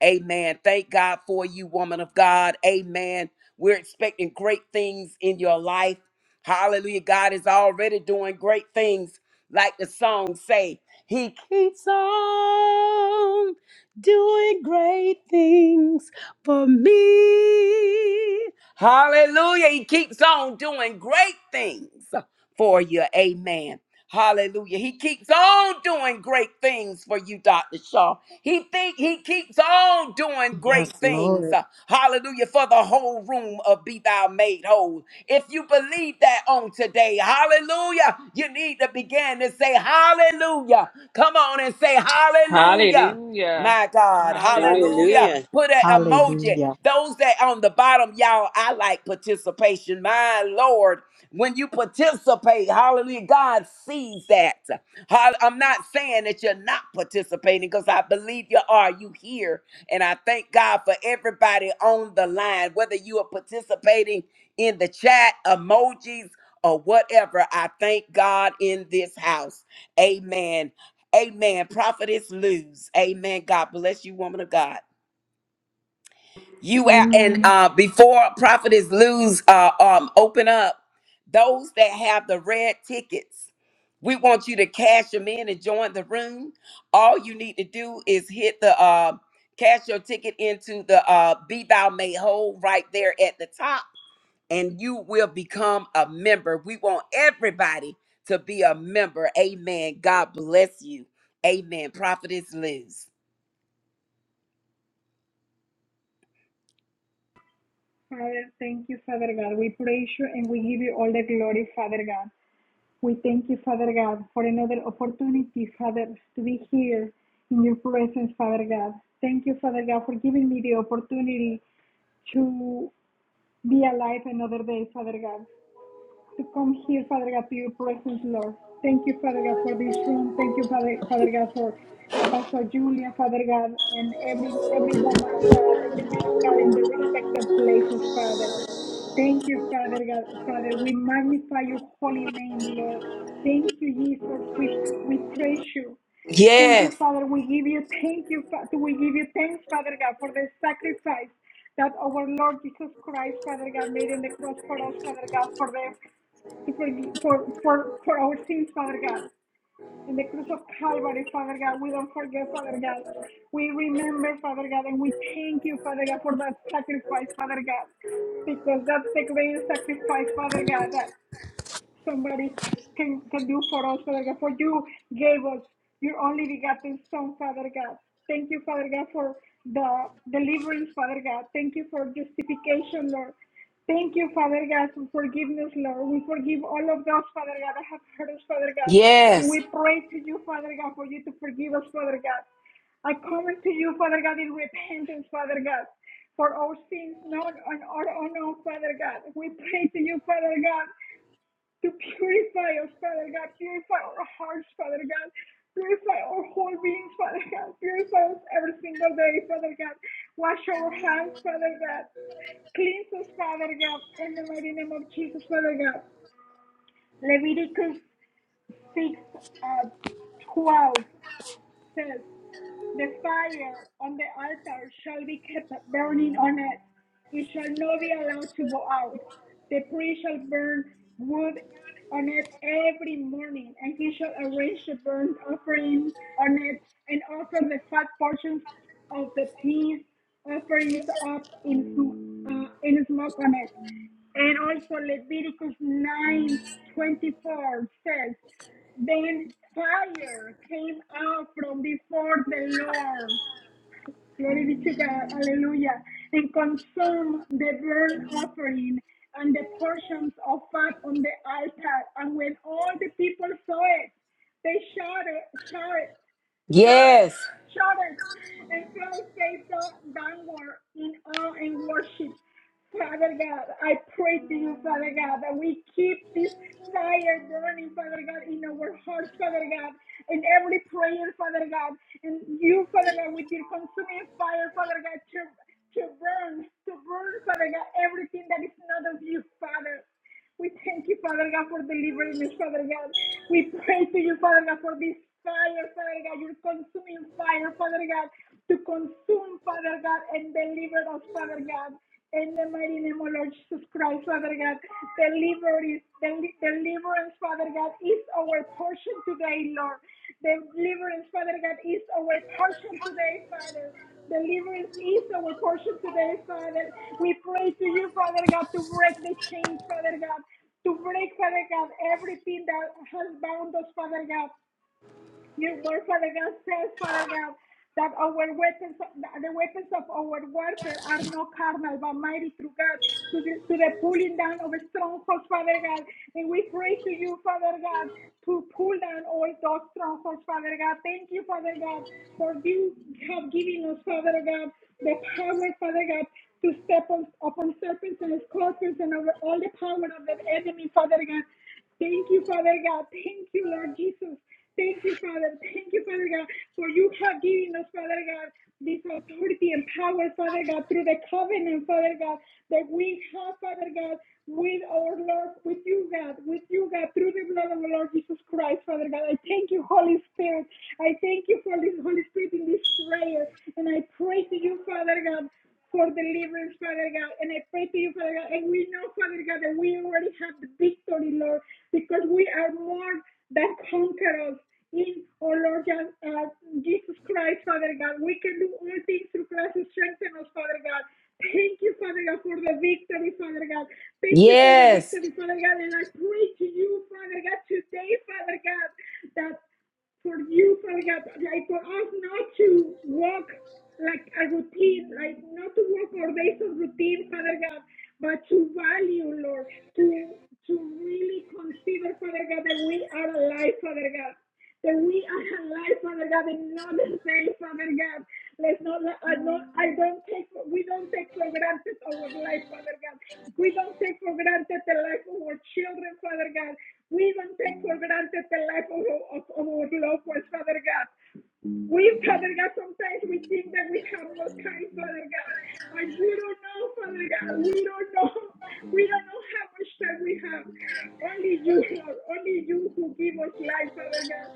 S1: Amen. Thank God for you, woman of God. Amen. We're expecting great things in your life. Hallelujah. God is already doing great things. Like the song say, he keeps on doing great things for me. Hallelujah. He keeps on doing great things for you. Amen. Hallelujah. He keeps on doing great things for you, Dr. Shaw. He think he keeps on doing great
S3: Yes,
S1: things.
S3: Lord.
S1: uh, Hallelujah. For the whole room of Be Thou Made Whole. If you believe that on today, hallelujah, you need to begin to say hallelujah. Come on and say hallelujah.
S4: Hallelujah.
S1: My God,
S4: Hallelujah.
S1: hallelujah.
S2: Hallelujah.
S1: Put an emoji.
S3: Hallelujah.
S1: Those that on the bottom, y'all, I like participation. My Lord, when you participate, hallelujah, God sees that. Hall- I'm not saying that you're not participating because I believe you are. You here. And I thank God for everybody on the line, whether you are participating in the chat, emojis, or whatever. I thank God in this house. Amen. Amen. Prophetess Luz. Amen. God bless you, woman of God. You out and
S8: Amen.
S1: uh before prophetess lose uh um open up those that have the red tickets. We want you to cash them in and join the room. All you need to do is hit the uh cash your ticket into the uh be thou made whole right there at the top and you will become a member. We want everybody to be a member. Amen. God bless you. Amen. Prophetess Liz.
S8: Father, thank you, Father God. We praise you and we give you all the glory, Father God. We thank you, Father God, for another opportunity, Father, to be here in your presence, Father God. Thank you, Father God, for giving me the opportunity to be alive another day, Father God. To come here, Father God, to your presence, Lord. Thank you, Father God, for this room. Thank you, Father, Father God, for Apostle Julia, Father God, and every every woman of God, every man of God in their respective places, Father. Thank you, Father God. Father, we magnify your holy name, Lord. Thank you, Jesus. We we praise you. Thank you,
S1: Yes.
S8: Father. We give you thank you, Father. We give you thanks, Father God, for the sacrifice that our Lord Jesus Christ, Father God, made in the cross for us, Father God, for the to forgive, for for for our sins, Father God in the cross of Calvary, Father God. We don't forget, Father God. We remember, Father God, and we thank you, Father God, for that sacrifice, Father God, because that's the greatest sacrifice, Father God, That somebody can, can do for us, Father God. For you gave us your only begotten Son, Father God. Thank you, Father God, for the deliverance, Father God. Thank you for justification, Lord. Thank you, Father God, for forgiveness, Lord. We forgive all of those, Father God, that have hurt us, Father God. And
S1: Yes.
S8: we pray to you, Father God, for you to forgive us, Father God. I come to you, Father God, in repentance, Father God for our sins, known and our unknown, Father God. We pray to you, Father God, to purify us, Father God. Purify our hearts, Father God. Purify our whole beings, Father God. Purify us every single day, Father God. Wash our hands, Father God. Cleanse us, Father God, in the mighty name of Jesus, Father God. Leviticus 6 uh, 12 says, the fire on the altar shall be kept burning on it. It shall not be allowed to go out. The priest shall burn wood on it every morning, and he shall arrange the burnt offering on it and offer the fat portions of the peace offerings up in, uh, in smoke on it. And also Leviticus 9:24 says. Then fire came out from before the Lord Glory be to God. Hallelujah. And consume the burnt offering and the portions of fat on the altar. And when all the people saw it, they shouted, shouted, shout,
S1: Yes.
S8: shouted, and fell face down- downward in awe and worship. Father God, I pray to you, Father God, that we keep this fire burning, Father God, in our hearts, Father God in every prayer, Father God. And you, Father God, with your consuming fire, Father God, to, to burn, to burn, Father God, everything that is not of you, Father. We thank you, Father God, for delivering us, Father God. We pray to you, Father God, for this fire, Father God, your consuming fire, Father God, to consume, Father God, and deliver us, Father God. In the mighty name of Lord Jesus Christ, Father God, deliver deliverance, Father God, is our portion today, Lord. Deliverance, Father God, is our portion today, Father. Deliverance is our portion today, Father. We pray to you, Father God, to break the chains, Father God, to break, Father God, everything that has bound us, Father God. Your word, Father God, says, Father God, that our weapons, the weapons of our warfare are not carnal, but mighty through God, to the, to the pulling down of strongholds, Father God. And we pray to you, Father God, to pull down all those strongholds, Father God. Thank you, Father God, for you have given us, Father God, the power, Father God, to step on, upon serpents and scorpions and over all the power of the enemy, Father God. Thank you, Father God. Thank you, Lord Jesus. Thank you, Father. Thank you, Father God, for you have given us, Father God, this authority and power, Father God, through the covenant, Father God, that we have, Father God, with our Lord, with you, God, with you, God, through the blood of the Lord Jesus Christ, Father God. I thank you, Holy Spirit. I thank you for this Holy Spirit in this prayer. And I pray to you, Father God, for deliverance, Father God. And I pray to you, Father God. And we know, Father God, that we already have the victory, Lord, because we are more than conquerors in, oh Lord God, uh, Jesus Christ, Father God. We can do all things through Christ who strengthens us, Father God. Thank you, Father God, for the victory, Father God. Thank you for the
S1: Yes.
S8: victory, Father God. And I pray to you, Father God, today, Father God, that for you, Father God, like for us not to walk like a routine, like not to walk our days of routine, Father God, but to value, Lord, to to really consider, Father God, that we are alive, Father God. That we are alive, Father God, and not the same, Father God. Let's not, I don't, I don't take, we don't take for granted our life, Father God. We don't take for granted the life of our children, Father God. We even thank, Lord God, that the life of, of, of our loved ones, Father God. We, Father God, sometimes we think that we have no time, Father God, but we don't know, Father God. We don't know. We don't know how much time we have. Only you, Lord. Only you who give us life, Father God.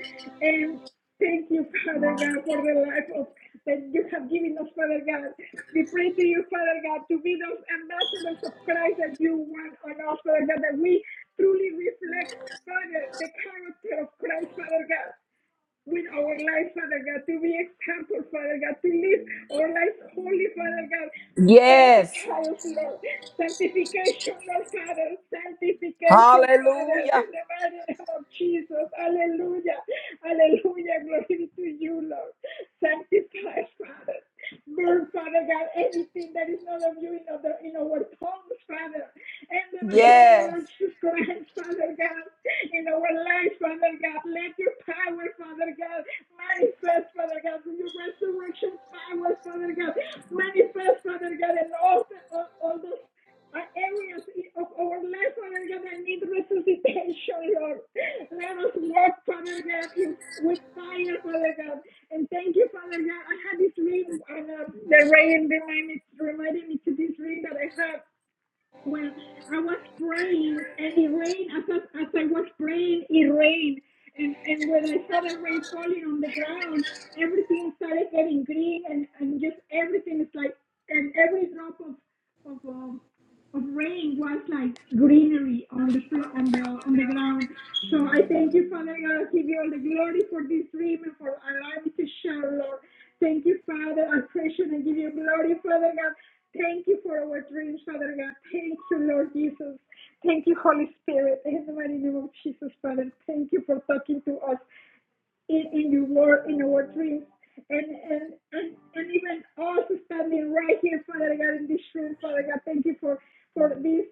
S8: And thank you, Father God, for the life of that you have given us, Father God. We pray to you, Father God, to be those ambassadors of Christ that you want on us, Father God, that we truly reflect, Father, the character of Christ, Father God with our life, Father God, to be example, Father God, to live our lives holy, Father God.
S1: Yes.
S8: Sanctify us, Lord. Sanctification, Lord Father. Sanctification, Father.
S1: Hallelujah.
S8: In the mighty name of Jesus. Hallelujah. Hallelujah. Glory to you, Lord. Sanctify, Father. Burn, Father God, anything that is not of you in, other, in our tongues, Father in, the, in our
S1: Yes.
S8: lives, Father God, in our lives, Father God. Let your power, Father God, manifest, Father God, with your resurrection power, Father God, manifest, Father God, in all, the, all, all those uh, areas of our life, Father God, that need resuscitation, Lord. Let us walk, Father God, in, with fire, Father God. And thank you, Father God. I had this dream, and uh, the rain reminded, reminded me to this dream that I had well, I was praying and it rained. As I, as I was praying, it rained. And, and when I saw the rain falling on the ground, everything started getting green and, and just everything is like, and every drop of, of, um, of rain was like greenery on the floor, on the, on the ground. So I thank you, Father God. I give you all the glory for this dream and for allowing me to share, Lord. Thank you, Father. I praise you and give you glory, Father God. Thank you for our dreams, Father God. Thank you, Lord Jesus. Thank you, Holy Spirit. In the mighty name of Jesus, Father, thank you for talking to us in, in your word, in our dreams. And, and and and even us standing right here, Father God, in this room, Father God, thank you for for this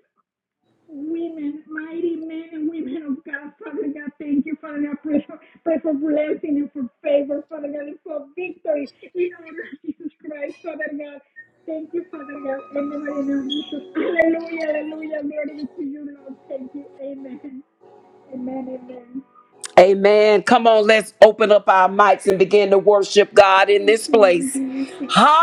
S8: women, mighty men and women of God, Father God, thank you, Father God, pray for, pray for blessing and for favor, Father God, and for victory in our of Jesus Christ, Father God. Thank you, Father God, in the mighty name of Jesus. Hallelujah, hallelujah, glory be to you, Lord. Thank you, amen, amen, amen.
S1: Amen. Come on, let's open up our mics and begin to worship God in
S8: Thank
S1: this
S8: you, Lord
S1: place.
S8: Jesus.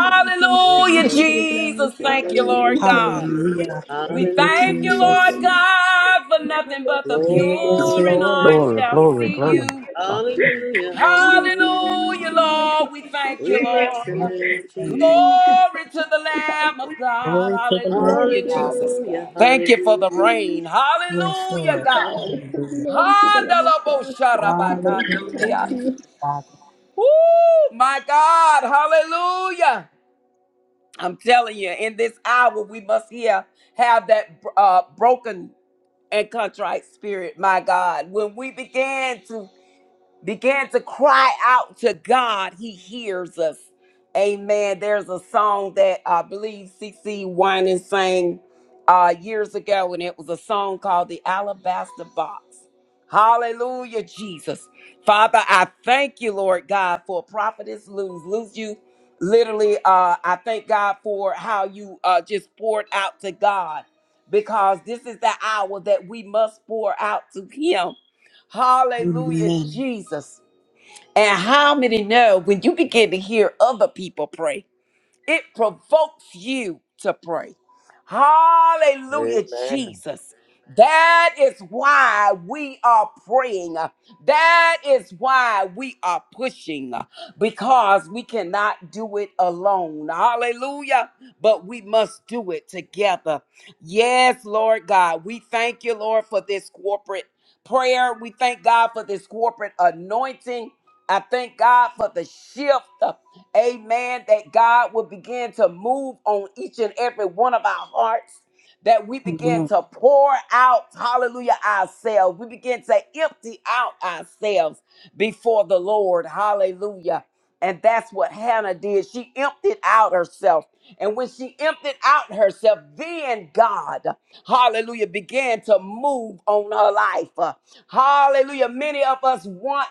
S8: Gracias,
S2: Yes, Lord. Jesus.
S8: Padre,
S1: Jesus.
S8: gracias,
S1: Thank you,
S2: Hallelujah.
S1: Lord
S8: aleluya,
S1: God.
S8: aleluya,
S3: Hallelujah.
S8: gloria
S1: We
S8: a
S3: Thank you,
S8: ti,
S2: Hallelujah
S1: thank you,
S2: to
S3: Jesus.
S8: Señor.
S1: Lord
S2: you.
S1: God, for
S8: Gloria a
S1: nothing but the
S8: ti,
S2: Glory,
S3: Yes,
S2: glory,
S1: pure
S8: Señor,
S1: in
S8: gloria,
S2: glory.
S3: Lord.
S1: heart
S6: Glory,
S1: shall
S8: gloria,
S6: glory,
S1: see
S8: gloria.
S6: glory.
S1: you.
S8: Padre.
S2: Hallelujah,
S8: Thank you.
S2: hallelujah.
S1: Hallelujah, Lord. We thank you,
S2: We bless
S1: Lord.
S2: your
S3: Lord, we
S2: name,
S3: Thank
S2: Jesus.
S3: you.
S1: Glory to the Lamb of God.
S3: Glory to the Lord
S8: Glory
S1: Hallelujah,
S8: to the
S3: God.
S8: Lamb of
S1: Jesus.
S2: Hallelujah,
S8: God.
S1: Thank you for the
S2: hallelujah.
S8: Glory,
S1: rain.
S3: Yes,
S1: Hallelujah,
S3: Lord.
S1: God.
S3: Hallelujah.
S8: glory to the Lamb of God. Thank you, thank you,
S3: Hallelujah,
S8: thank
S1: Handalabosharabakandriya.
S8: you.
S3: Father.
S1: Woo, my God. Hallelujah. I'm telling you, in this hour, we must here have that uh, broken and contrite spirit, my God. When we began to began to cry out to God, He hears us. Amen. There's a song that I believe CC Winan sang uh, years ago, and it was a song called The Alabaster Box. Hallelujah, Jesus. Father, I thank you, Lord God, for prophetess lose. Lose you. Literally, uh, I thank God for how you uh, just poured out to God because this is the hour that we must pour out to Him Hallelujah,
S3: Amen.
S1: Jesus. And how many know when you begin to hear other people pray, it provokes you to pray. Hallelujah,
S9: Amen.
S1: Jesus. That is why we are praying. That is why we are pushing because we cannot do it alone. Hallelujah. But we must do it together. Yes, Lord God. We thank you, Lord, for this corporate prayer. We thank God for this corporate anointing. I thank God for the shift. uh, Amen. That God will begin to move on each and every one of our hearts. That we begin
S3: Amen.
S1: to pour out, hallelujah, ourselves. We begin to empty out ourselves before the Lord. Hallelujah. And that's what Hannah did. She emptied out herself. And when she emptied out herself, then God hallelujah, began to move on her life. Uh, Hallelujah. Many of us want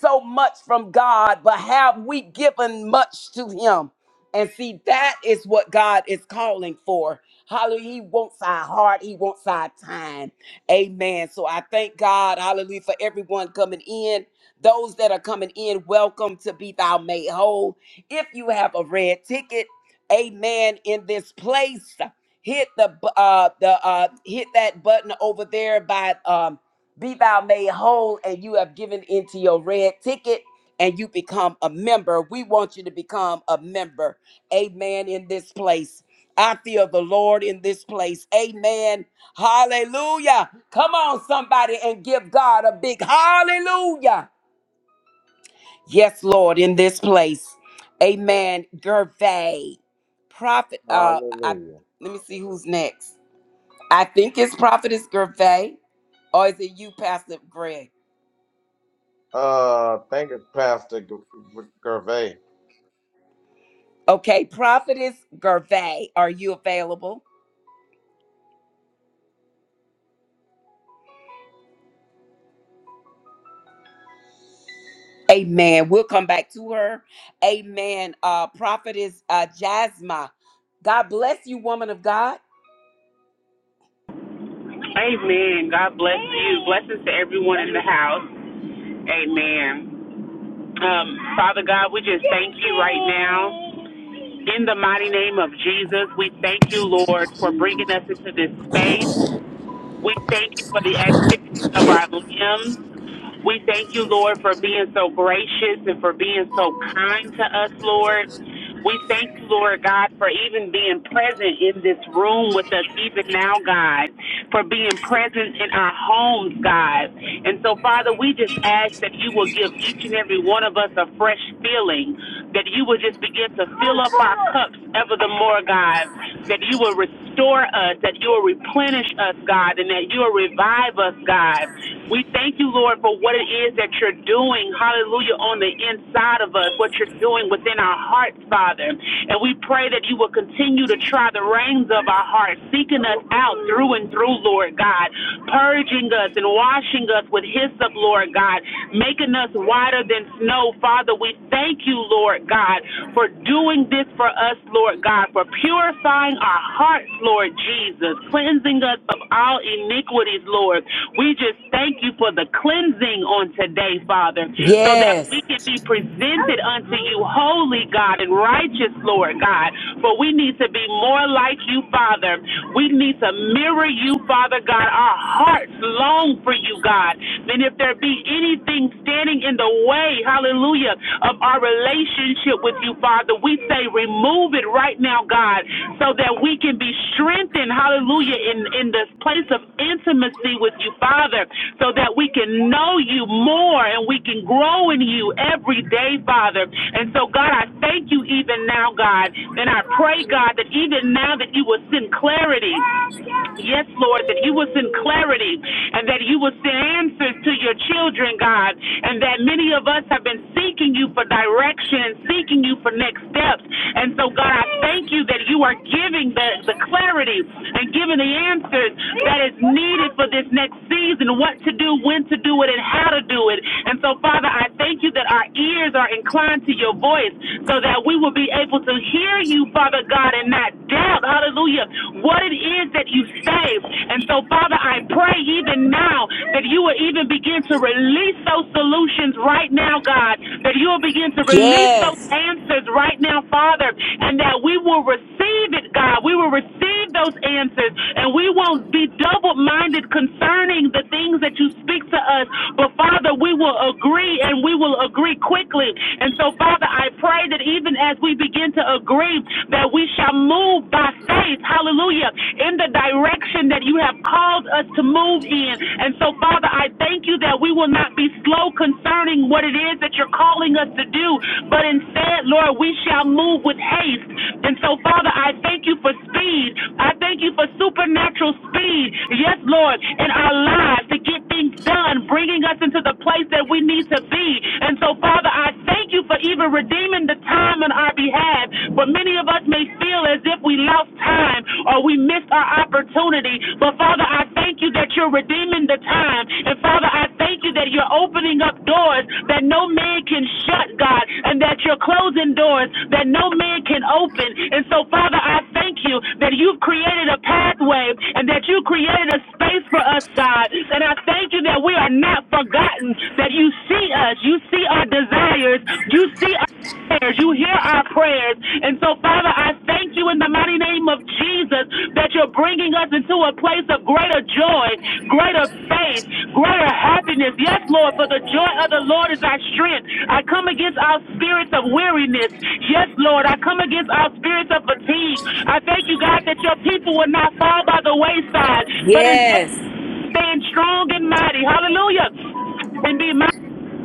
S1: so much from God, but have we given much to Him? And see, that is what God is calling for. Hallelujah. He wants our heart, He wants our time. Amen. So I thank God, hallelujah, for everyone coming in. Those that are coming in, welcome to Be Thou Made Whole. If you have a red ticket, amen in this place hit the bu- uh the uh hit that button over there by um be thou made whole and you have given into your red ticket and you become a member we want you to become a member amen in this place i feel the lord in this place amen hallelujah come on somebody and give god a big hallelujah Yes, Lord, in this place. Amen. Gervais. Prophet, uh, I
S9: Hallelujah.
S1: let me see who's next. I think it's Prophetess Gervais, or is it you, Pastor Greg?
S9: Uh, thank you, Pastor G- G- Gervais.
S1: Okay, Prophetess Gervais, are you available? Amen. We'll come back to her. Amen. Uh, Prophetess uh, Jasma. God bless you, woman of God.
S10: Amen. God bless you. Blessings to everyone in the house. Amen. Um, Father God, we just thank you right now. In the mighty name of Jesus, we thank you, Lord, for bringing us into this space. We thank you for the activity of our limbs. We thank you, Lord, for being so gracious and for being so kind to us, Lord. We thank you, Lord God, for even being present in this room with us, even now, God, for being present in our homes, God. And so, Father, we just ask that you will give each and every one of us a fresh feeling that you will just begin to fill up our cups ever the more, God, that you will restore us, that you will replenish us, God, and that you will revive us, God. We thank you, Lord, for what it is that you're doing, hallelujah, on the inside of us, what you're doing within our hearts, Father. And we pray that you will continue to try the reins of our hearts, seeking us out through and through, Lord God, purging us and washing us with hyssop, Lord God, making us whiter than snow, Father. We thank you, Lord God, for doing this for us, Lord God, for purifying our hearts, Lord Jesus, cleansing us of all iniquities, Lord. We just thank you for the cleansing on today, Father, so that
S1: Yes,
S10: we can be presented unto you, holy God and righteous, Lord God. For we need to be more like you, Father. We need to mirror you, Father God. Our hearts long for you, God. And if there be anything standing, standing in the way, hallelujah, of our relationship with you, Father. We say, remove it right now, God, so that we can be strengthened, hallelujah, in, in this place of intimacy with you, Father, so that we can know you more and we can grow in you every day, Father. And so, God, I thank you even now, God, and I pray, God, that even now that you will send clarity. Yes, Lord, that you will send clarity and that you will send answers to your children, God, and that many of us have been seeking you for direction, seeking you for next steps. And so, God, I thank you that you are giving the, the clarity and giving the answers that is needed for this next season, what to do, when to do it, and how to do it. And so, Father, I thank you that our ears are inclined to your voice so that we will be able to hear you, Father God, and not doubt. Hallelujah hallelujah, what it is that you saved. And so, Father, I pray even now that you will even begin to release those solutions right now, God, that you will begin to release those
S1: yes,
S10: answers right now, Father, and that we will receive it, God. We will receive those answers, and we will be double minded concerning the things that you speak to us. But, Father, we will agree, and we will agree quickly. And so, Father, I pray that even as we begin to agree, that we shall move by faith, hallelujah, in the direction that you have called us to move in. And so, Father, I thank you that we will not be slow concerning what it is that you're calling us to do, but instead, Lord, we shall move with haste. And so, Father, I thank you for speed. I thank you for supernatural speed. Yes, Lord, in our lives to get things done, bringing us into the place that we need to be. And so, Father, I thank you for even redeeming the time on our behalf have, but many of us may feel as if we lost time or we missed our opportunity. But Father, I thank you that you're redeeming the time. And Father, I thank you that you're opening up doors that no man can shut, God, and that you're closing doors that no man can open. And so, Father, I thank you that you've created a pathway and that you created a space for us, God. And I thank you that we are not forgotten, that you see us, you see our desires, you see prayers. You hear our prayers. And so, Father, I thank you in the mighty name of Jesus that you're bringing us into a place of greater joy, greater faith, greater happiness. Yes, Lord, for the joy of the Lord is our strength. I come against our spirits of weariness. Yes, Lord, I come against our spirits of fatigue. I thank you, God, that your people will not fall by the wayside, but instead
S1: yes,
S10: stand strong and mighty. Hallelujah. And be mighty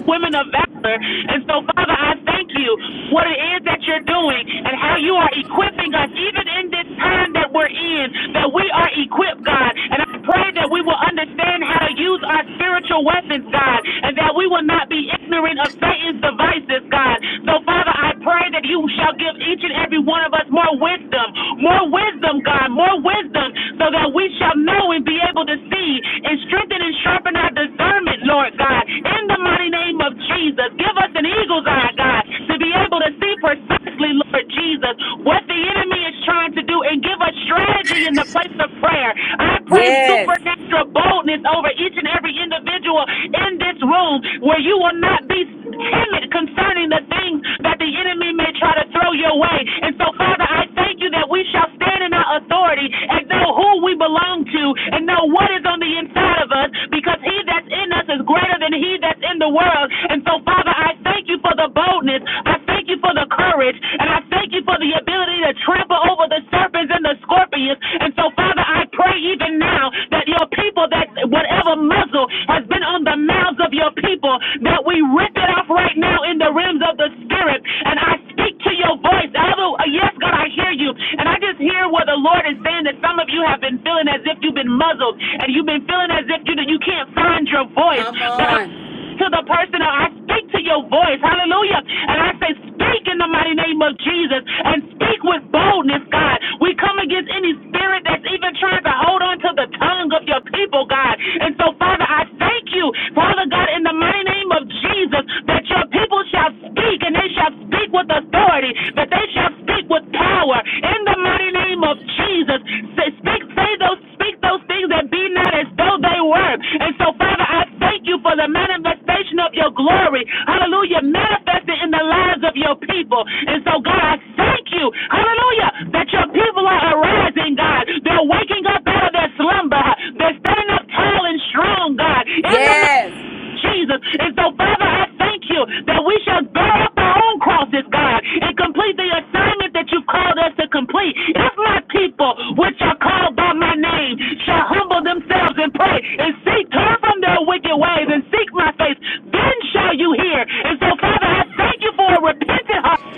S10: women of valor. And so, Father, I thank you what it is that you're doing and how you are equipping us, even in this time that we're in, that we are equipped, God. And I pray that we will understand how to use our spiritual weapons, God, and that we will not be ignorant of Satan's devices, God. So, Father, I I pray that you shall give each and every one of us more wisdom, more wisdom, God, more wisdom, so that we shall know and be able to see and strengthen and sharpen our discernment, Lord God. In the mighty name of Jesus, give us an eagle's eye, God, to be able to see precisely, Lord Jesus, what the enemy is trying to do and give us strategy in the place of prayer. I pray
S1: yes.
S10: supernatural boldness over each and every individual in this room where you will not be timid concerning opposing the things that the enemy may try to throw your way. And so, Father, I thank you that we shall stand in our authority and know who we belong to and know what is on the inside of us because he that's in us is greater than he that's in the world. And so, Father, I thank you for the boldness. I I thank you for the courage, and I thank you for the ability to trample over the serpents and the scorpions. And so, Father, I pray even now that your people, that whatever muzzle has been on the mouths of your people, that we rip it off right now in the realms of the Spirit. And I speak to you your voice. I uh, yes, God, I hear you. And I just hear where the Lord is saying that some of you have been feeling as if you've been muzzled and you've been feeling as if you, you can't find your voice.
S1: Come
S10: But I
S1: on.
S10: to the person uh, I speak to your voice. Hallelujah. And I say, speak in the mighty name of Jesus and speak with boldness, God. We come against any spirit that's even trying to hold on to the tongue of your people, God. And so, Father, I thank you, Father God, in the mighty name of Jesus, that your the people shall speak, and they shall speak with authority, but they shall speak with power. In the mighty name of Jesus, say, speak, say those, speak those things that be not as though they were. And so, Father, I thank you for the manifestation of your glory. Hallelujah, manifested in the lives of your people. And so, God, I thank you. Hallelujah, that your people are arising, God. They're waking up out of their slumber. They're standing up tall and strong, God. In the
S1: Yes.
S10: Jesus. And so, Father, I thank you that we shall bear up our own crosses, God, and complete the assignment that you've called us to complete. If my people, which are called by my name, shall humble themselves and pray and seek, turn from their wicked ways and seek my face, then shall you hear. And so, Father, I thank you for a repentant heart in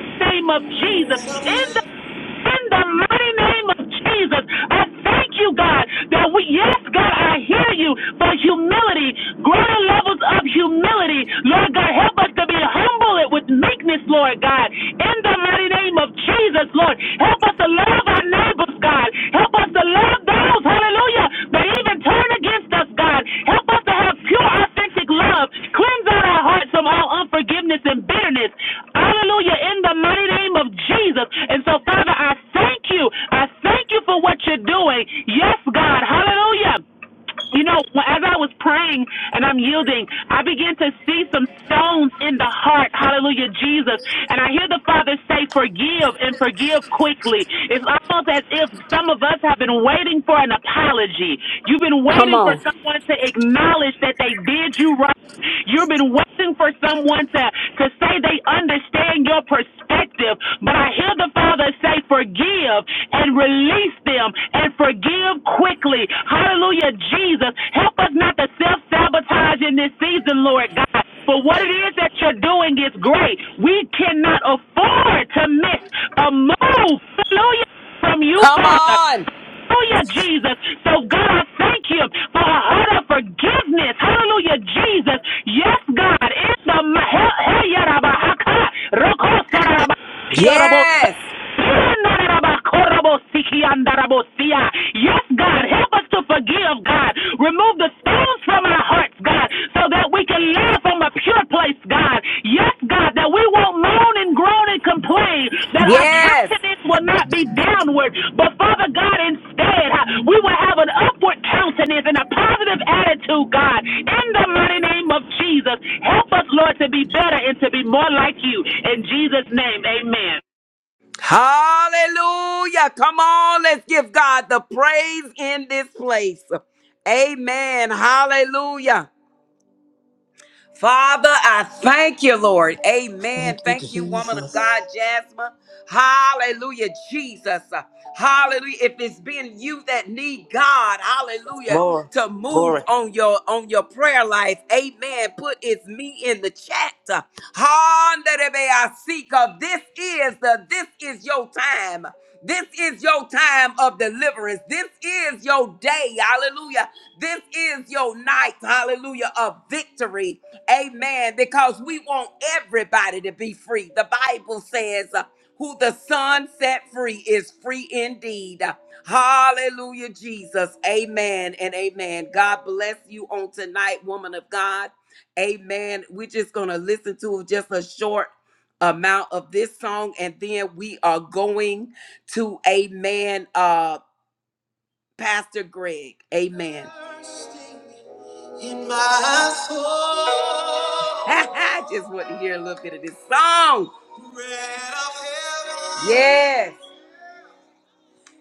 S10: the name of Jesus. In the in the mighty name of Jesus. I thank you, God, that we, yes, God, I hear you for humility, greater levels of humility. Lord God, help us to be humble with meekness, Lord God, in the mighty name of Jesus, Lord. Help us to love our neighbors, God. Help us us to love those, hallelujah, that even turn against us, God. Help us to have pure, authentic love. Cleanse out our hearts from all unforgiveness and bitterness. Hallelujah, in the mighty name of Jesus. And so, Father, I thank you. I thank you for what you're doing. Yes, God. Hallelujah. You know, as I was praying and I'm yielding, I began to see some stones in the heart. Hallelujah, Jesus. And I hear the Father say, Forgive and forgive quickly. It's almost as if some of us have been waiting for an apology. You've been waiting for someone to acknowledge that they did you wrong. You've been waiting for someone to, to say say they understand your perspective, but I hear the Father say, forgive and release them and forgive quickly. Hallelujah, Jesus. Help us not to self sabotage in this season, Lord God. For what it is that you're doing is great. We cannot afford to miss a move. Hallelujah from you,
S1: Come
S10: Father.
S1: on.
S10: Hallelujah, Jesus. So, God, I thank you for a heart of forgiveness. Hallelujah, Jesus. Yes, God. In the
S1: Yes.
S10: Yes, God, help us to forgive, God. Remove the stones from our hearts, God, so that we can live from a pure place, God. Yes, God, that we won't moan and groan and complain, that our
S1: Yes.
S10: countenance will not be downward, but Father God, instead, uh, we will have an upward countenance and a positive attitude, God. In the mighty name of Jesus, help us, Lord, to be better and to be more like you. In Jesus' name, amen.
S1: Hallelujah. Come on. Let's give God the praise in this place. Amen. Hallelujah. Father, I thank you, Lord.
S3: Thank
S1: Amen.
S3: you,
S1: Thank you, woman of
S3: Jesus.
S1: God, Jasmine. Hallelujah, Jesus. Hallelujah. If it's been you that need God, hallelujah,
S2: More.
S1: to move
S2: Glory.
S1: on your on your prayer life, amen. Put it's me in the chat. Honda de be I seek of this is the this is your time. This is your time of deliverance. This is your day. Hallelujah. This is your night. Hallelujah. Of victory. Amen. Because we want everybody to be free. The Bible says, uh, who the Son set free is free indeed. Hallelujah, Jesus. Amen and amen. God bless you on tonight, woman of God. Amen. We're just going to listen to just a short amount of this song and then we are going to amen uh pastor greg amen in my soul i just want to hear a little bit of this song Bread of heaven, yes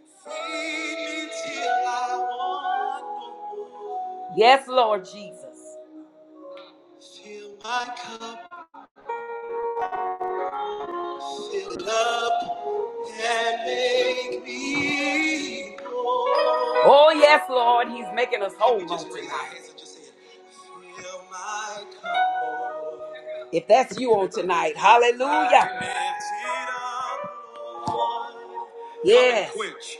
S1: feed me till I want no more. yes lord jesus fill my cup fill up and make me whole. Oh, yes, Lord. He's making us whole on tonight. If that's you on tonight, hallelujah. Yes. Come and quench.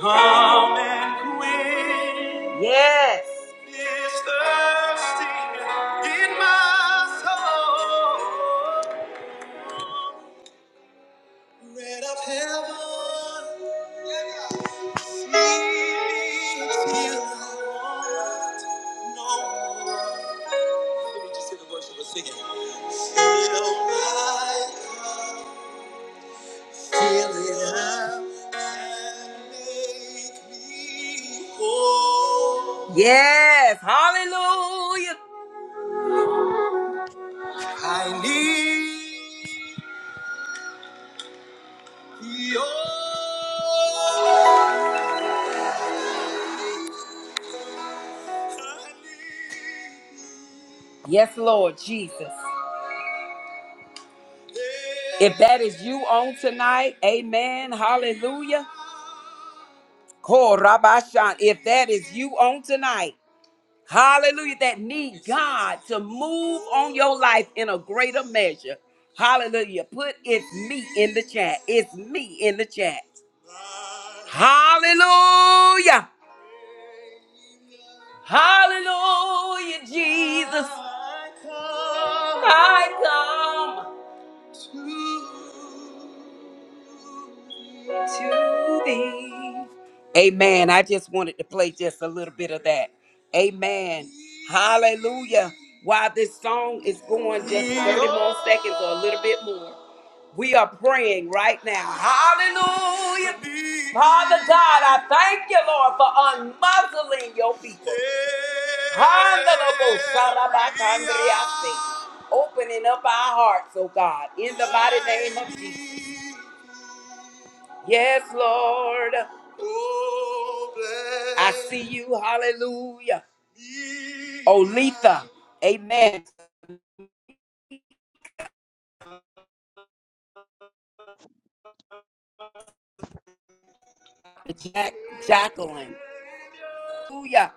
S1: Come and quench. Yes. This thirsty in my soul. Bread of heaven, speak till I want no more. Let me just hear the voice of a singing. Fill my cup, fill it up, and make me whole. Yes, hallelujah. I need your I need Yes, Lord Jesus. If that is you on tonight, amen. Hallelujah. Korabashan. If that is you on tonight, hallelujah, that need God to move on your life in a greater measure. Hallelujah. Put it's me in the chat. It's me in the chat. Hallelujah. Hallelujah, Jesus. I come. I come. to thee. Amen. I just wanted to play just a little bit of that. Amen. Hallelujah. While this song is going just 30 more seconds or a little bit more, we are praying right now. Hallelujah. Father God, I thank you, Lord, for unmuzzling your people. Honorable Sarabakandriase. Opening up our hearts, oh God, in the mighty name of Jesus. Yes, Lord. Oh, bless. I see you. Hallelujah. Me. Olitha. Amen. Jack, Jacqueline. Hallelujah.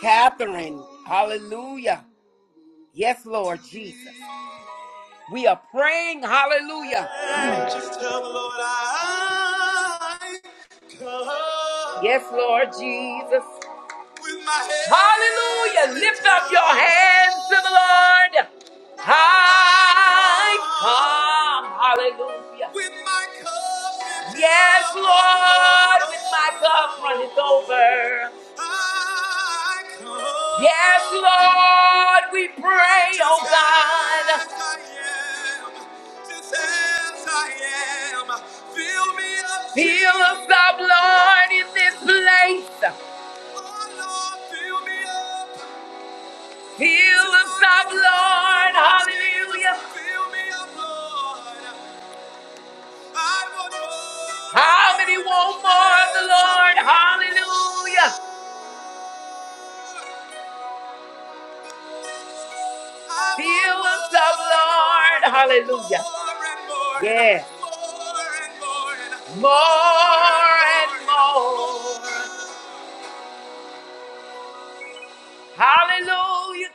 S1: Catherine. Hallelujah. Yes, Lord Jesus. We are praying. Hallelujah. Just tell the Lord I come. Yes, Lord Jesus. Hallelujah. Lift up your hands to the Lord. I come. Hallelujah. With my cup Yes, Lord, with my cup running over. I come. Yes, Lord, we pray, oh God. Just as I am, just as I am. Fill me up, Fill us Jesus. up, Lord, in this place. Fill us up, Lord. Hallelujah. How many want more of the Lord? Hallelujah. Fill us up, Lord. Hallelujah. Yeah. More and more. Hallelujah.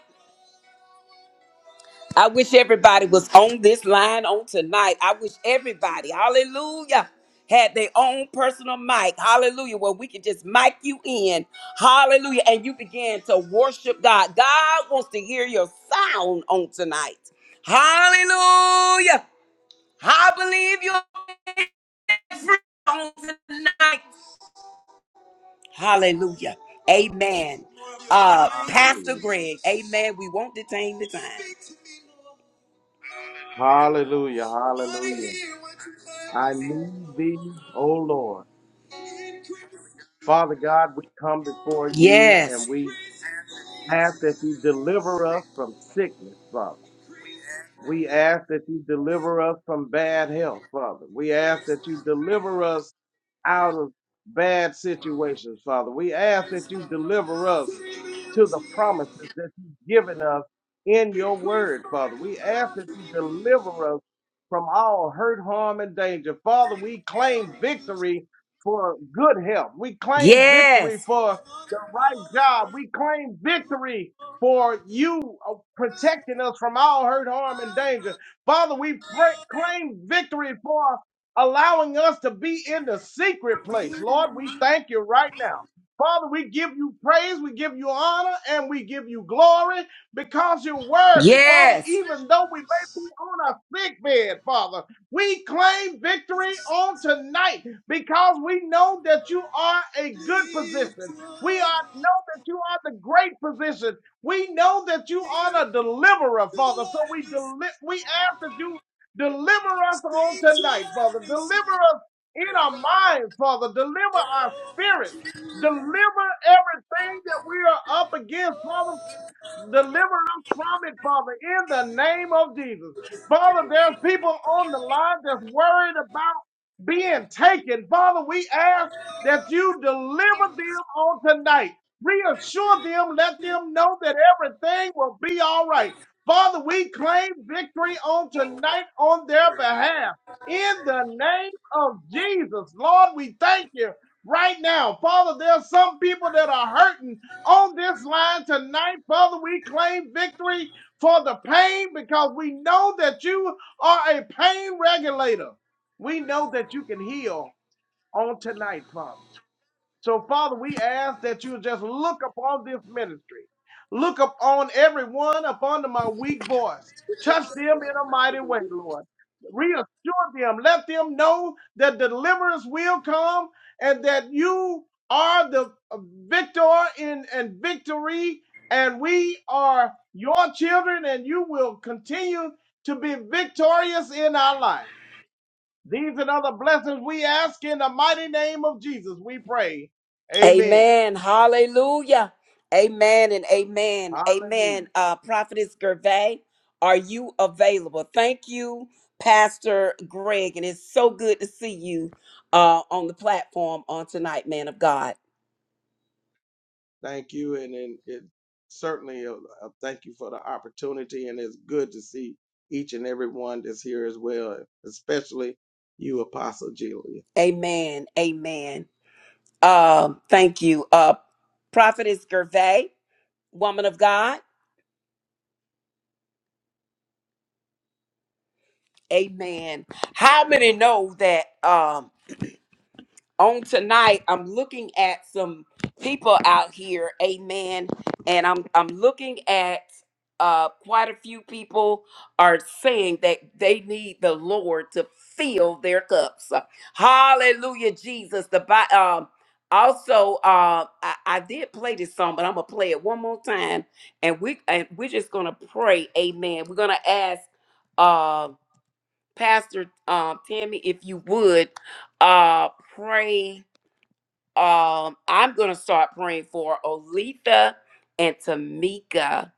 S1: I wish everybody was on this line on tonight. I wish everybody, hallelujah, had their own personal mic, hallelujah, where we could just mic you in, hallelujah, and you began to worship God. God wants to hear your sound on tonight. Hallelujah. I believe you're free on tonight. Hallelujah. Amen. Uh, Pastor
S9: Hallelujah.
S1: Greg, amen. We won't detain the time.
S9: Hallelujah. Hallelujah. I need thee, O Lord. Father God, we come before you and
S1: Yes.
S9: we ask that you deliver us from sickness, Father. We ask that you deliver us from bad health, Father. We ask that you deliver us out of bad situations, Father. We ask that you deliver us to the promises that you've given us in your word, Father. We ask that you deliver us from all hurt, harm, and danger. Father, we claim victory for good health. We claim
S1: Yes.
S9: victory for the right job. We claim victory for you uh, protecting us from all hurt, harm, and danger. Father, we pray, claim victory for allowing us to be in the secret place. Lord, we thank you right now. Father, we give you praise, we give you honor, and we give you glory because you're worthy. Father,
S1: Yes.
S9: even though we may be on a sick bed, Father, we claim victory on tonight because we know that you are a good position. We are, know that you are the great physician we know that you are the deliverer, Father. So we deli- we ask that you deliver us on tonight, Father. Deliver us in our minds, Father. Deliver our spirit. Deliver everything that we are up against, Father. Deliver us from it, Father, in the name of Jesus. Father, there's people on the line that's worried about being taken. Father, we ask that you deliver them on tonight. Reassure them, let them know that everything will be all right. Father, we claim victory on tonight on their behalf. In the name of Jesus, Lord, we thank you right now. Father, there's some people that are hurting on this line tonight, Father. We claim victory for the pain because we know that you are a pain regulator. We know that you can heal on tonight, Father. So, Father, we ask that you just look upon this ministry. Look upon everyone, upon my weak voice. Touch them in a mighty way, Lord. Reassure them. Let them know that deliverance will come and that you are the victor in and victory, and we are your children, and you will continue to be victorious in our life. These and other blessings we ask in the mighty name of Jesus. We pray. Amen.
S1: Amen. Hallelujah. Amen and amen.
S9: Hallelujah.
S1: Amen. Uh, Prophetess Gervais, are you available? Thank you, Pastor Greg. And it's so good to see you uh, on the platform on tonight, man of God.
S9: Thank you. And, and it certainly uh, uh, thank you for the opportunity. And it's good to see each and every one that's here as well, especially you, Apostle Julia.
S1: Amen. Amen. Um, thank you. Uh, Prophetess Gervais, woman of God. Amen. How many know that? Um, on tonight i'm looking at some people out here amen and i'm i'm looking at uh quite a few people are saying that they need the lord to fill their cups hallelujah jesus the Bi- um also uh I, I did play this song but i'm gonna play it one more time and we and we're just gonna pray amen we're gonna ask uh pastor um tammy if you would uh pray um, I'm gonna start praying for Olitha and Tamika,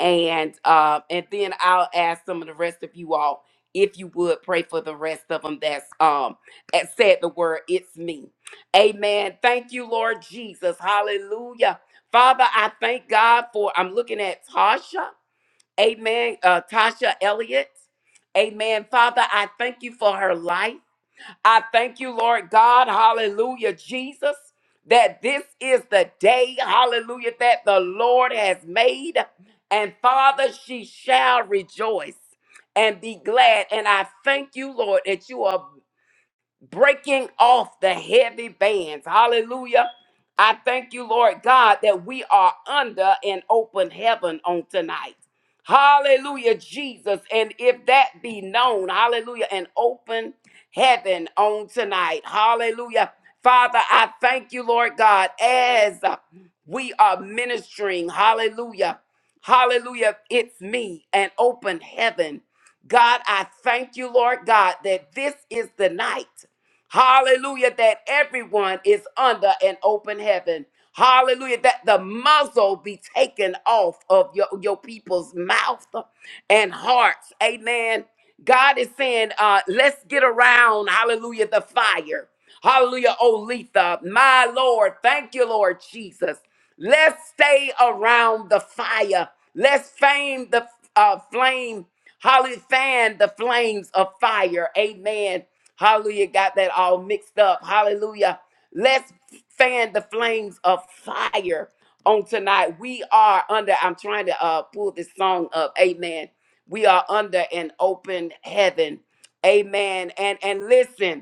S1: and uh, and then I'll ask some of the rest of you all if you would pray for the rest of them. That's um that said the word. It's me. Amen. Thank you, Lord Jesus. Hallelujah. Father, I thank God for. I'm looking at Tasha. Amen. Uh, Tasha Elliott. Amen. Father, I thank you for her life. I thank you, Lord God. Hallelujah, Jesus, that this is the day, hallelujah, that the Lord has made. And Father, she shall rejoice and be glad. And I thank you, Lord, that you are breaking off the heavy bands. Hallelujah. I thank you, Lord God, that we are under an open heaven on tonight. Hallelujah, Jesus. And if that be known, hallelujah, an open heaven on tonight. Hallelujah. Father, I thank you, Lord God, as we are ministering. Hallelujah. Hallelujah. It's me, an open heaven. God, I thank you, Lord God, that this is the night. Hallelujah, that everyone is under an open heaven. Hallelujah, that the muzzle be taken off of your, your people's mouth and hearts. Amen. God is saying, uh, let's get around, hallelujah, the fire. Hallelujah, Olitha. My Lord, thank you, Lord Jesus. Let's stay around the fire. Let's fame the uh, flame, hallelujah, fan the flames of fire. Amen. Hallelujah. Got that all mixed up. Hallelujah. Let's fan the flames of fire on tonight. We are under, I'm trying to uh, pull this song up. Amen. We are under an open heaven. Amen. And and listen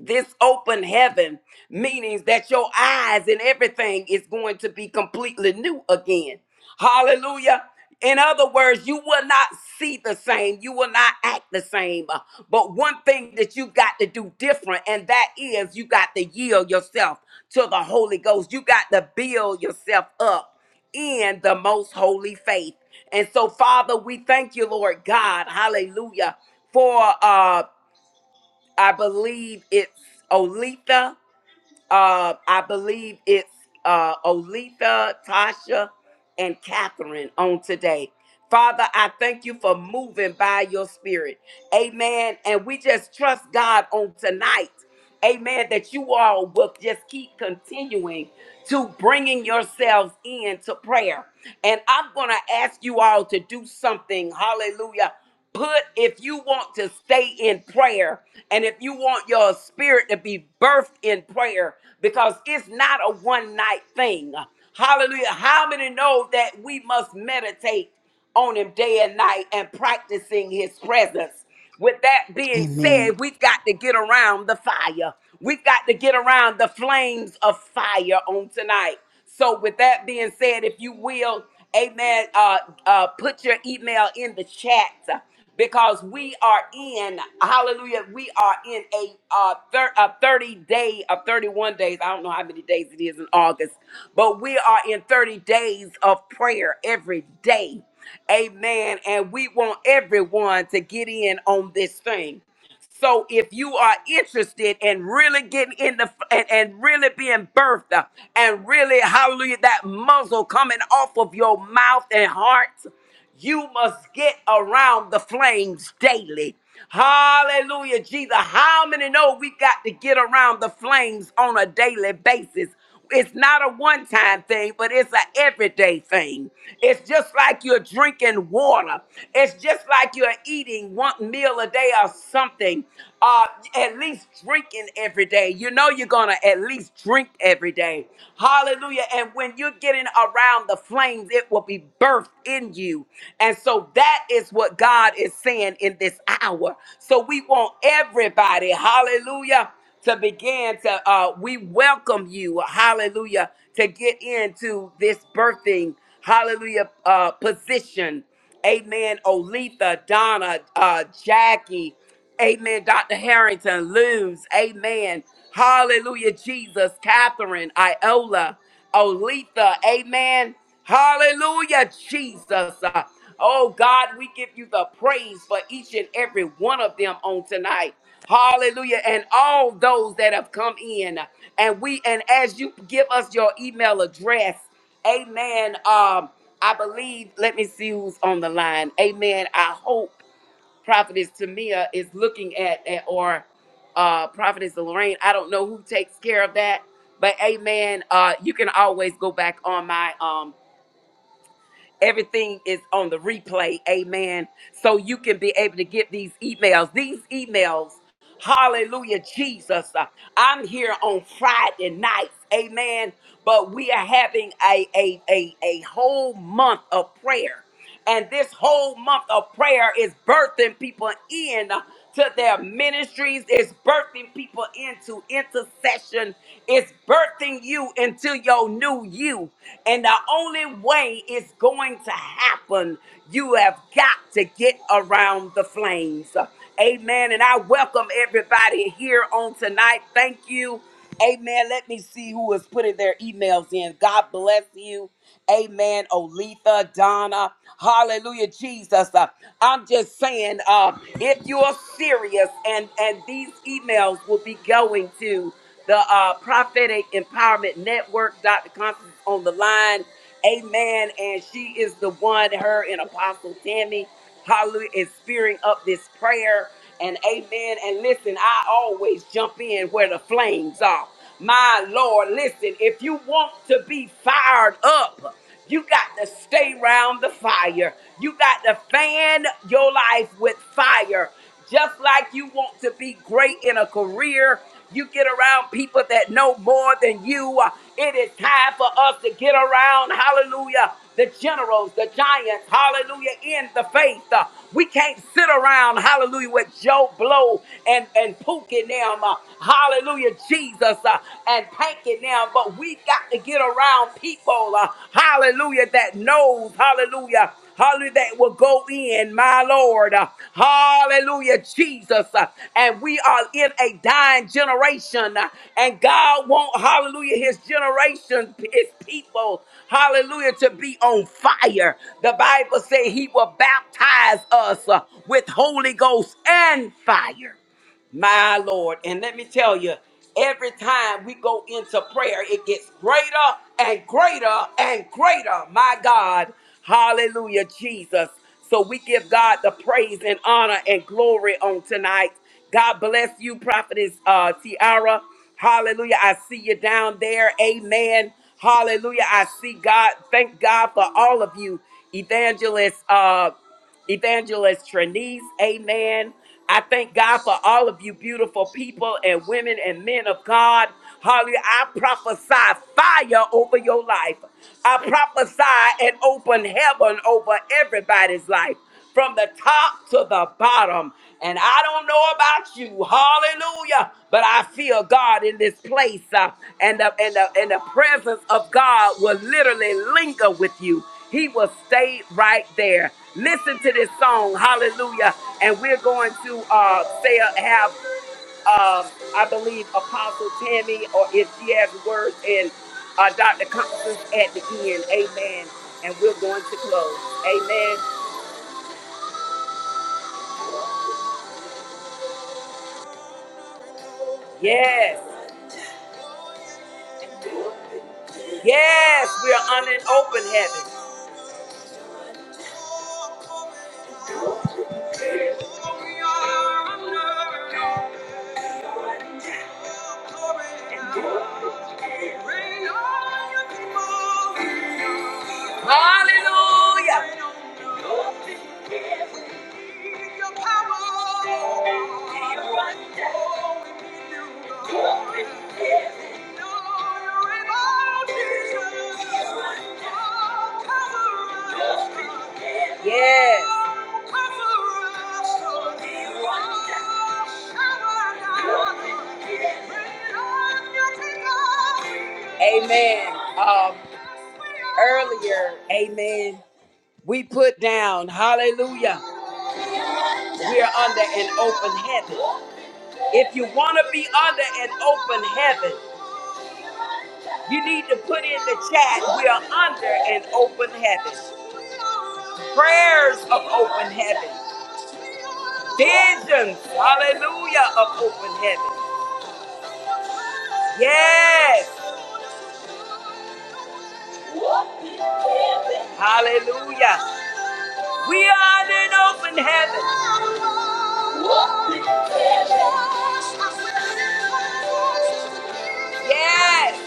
S1: this open heaven means that your eyes and everything is going to be completely new again. Hallelujah. In other words, you will not see the same. You will not act the same. Uh, But one thing that you got to do different, and that is you got to yield yourself to the Holy Ghost. You got to build yourself up in the most holy faith. And so, Father, we thank you, Lord God, hallelujah, for uh I believe it's Olitha. Uh, I believe it's uh, Olitha, Tasha, and Catherine on today. Father, I thank you for moving by your spirit. Amen. And we just trust God on tonight. Amen. That you all will just keep continuing to bringing yourselves into prayer. And I'm going to ask you all to do something. Hallelujah. Put if you want to stay in prayer and if you want your spirit to be birthed in prayer, because it's not a one night thing. Hallelujah. How many know that we must meditate on him day and night and practicing his presence? With that being said,
S3: Amen.
S1: we've got to get around the fire. We've got to get around the flames of fire on tonight. So, with that being said, if you will, amen, uh, uh, put your email in the chat because we are in, hallelujah, we are in a, uh, thir- a 30 day, a 31 days, I don't know how many days it is in August, but we are in 30 days of prayer every day. Amen. And we want everyone to get in on this thing. So if you are interested in really getting in the and, and really being birthed uh, and really hallelujah that muzzle coming off of your mouth and heart, you must get around the flames daily. Hallelujah, Jesus. How many know we got to get around the flames on a daily basis? It's not a one time thing, but it's an everyday thing. It's just like you're drinking water. It's just like you're eating one meal a day or something. Uh, at least drinking every day. You know you're gonna at least drink every day. Hallelujah. And when you're getting around the flames, it will be birthed in you. And so that is what God is saying in this hour. So we want everybody, hallelujah to begin to uh we welcome you hallelujah to get into this birthing hallelujah uh position amen olitha donna uh jackie Amen. Dr. Harrington, Luz. Amen. Hallelujah, Jesus. Catherine, Iola, Olitha. Amen. Hallelujah, Jesus. Uh, Oh, God, we give you the praise for each and every one of them on tonight. Hallelujah. And all those that have come in. And we, and as you give us your email address, amen. Um, I believe, let me see who's on the line. Amen. I hope prophetess Tamia is looking at, at or uh, prophetess Lorraine. I don't know who takes care of that, but amen. Uh, you can always go back on my um, everything is on the replay, amen. So you can be able to get these emails. These emails Hallelujah, Jesus. Uh, I'm here on Friday nights. Amen. But we are having a, a, a, a whole month of prayer. And this whole month of prayer is birthing people in to their ministries, it's birthing people into intercession, it's birthing you into your new you. And the only way it's going to happen, you have got to get around the flames. Amen. And I welcome everybody here on tonight. Thank you. Amen. Let me see who is putting their emails in. God bless you. Amen. Olitha, Donna. Hallelujah, Jesus. Uh, I'm just saying, uh, if you're serious, and and these emails will be going to the uh, Prophetic Empowerment Network. Dr. Constance is on the line. Amen. And she is the one, her and Apostle Tammy. Hallelujah. Is spearing up this prayer. And amen. And listen, I always jump in where the flames are. My Lord, listen, if you want to be fired up, you got to stay around the fire. You got to fan your life with fire. Just like you want to be great in a career, you get around people that know more than you. Uh, It is time for us to get around, hallelujah, the generals, the giants, hallelujah, in the faith. Uh, We can't sit around, hallelujah, with Joe Blow and, and Pookie and them, uh, hallelujah, Jesus uh, and Panky and them, but we got to get around people, uh, hallelujah, that knows, hallelujah. Hallelujah. That will go in, my Lord. Hallelujah, Jesus. And we are in a dying generation. And God wants, hallelujah, his generation, his people, hallelujah, to be on fire. The Bible says he will baptize us uh, with Holy Ghost and fire. My Lord. And let me tell you, every time we go into prayer, it gets greater and greater and greater. My God. Hallelujah, Jesus. So we give God the praise and honor and glory on tonight. God bless you, Prophetess uh, Tiara. Hallelujah. I see you down there. Amen. Hallelujah. I see God. Thank God for all of you. Evangelist. Uh, Evangelist Trenise, amen. I thank God for all of you beautiful people and women and men of God. Hallelujah. I prophesy fire over your life. I prophesy an open heaven over everybody's life from the top to the bottom. And I don't know about you, hallelujah, but I feel God in this place. uh, and, the, and, the, and the presence of God will literally linger with you, He will stay right there. Listen to this song, hallelujah. And we're going to uh, say, have, um I believe, Apostle Tammy, or if she has words, and uh, Dr. Constance at the end, amen. And we're going to close, amen. Yes. Yes, we are under an open heaven. Hallelujah. Yes. Amen. Um, earlier, amen. We put down, hallelujah, we are under an open heaven. If you want to be under an open heaven, you need to put in the chat, we are under an open heaven. Prayers of open heaven. Visions, hallelujah, of open heaven. Yes, hallelujah. We are in open heaven. Yes.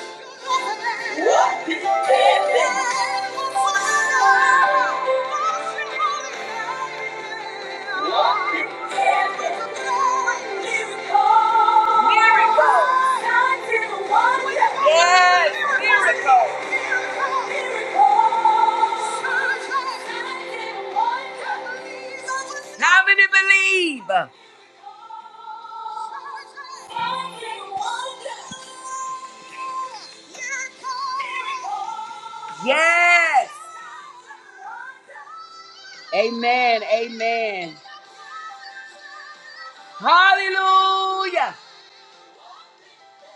S1: Miracles. Yes, miracle. How many believe? Yes. Amen. Amen. Hallelujah.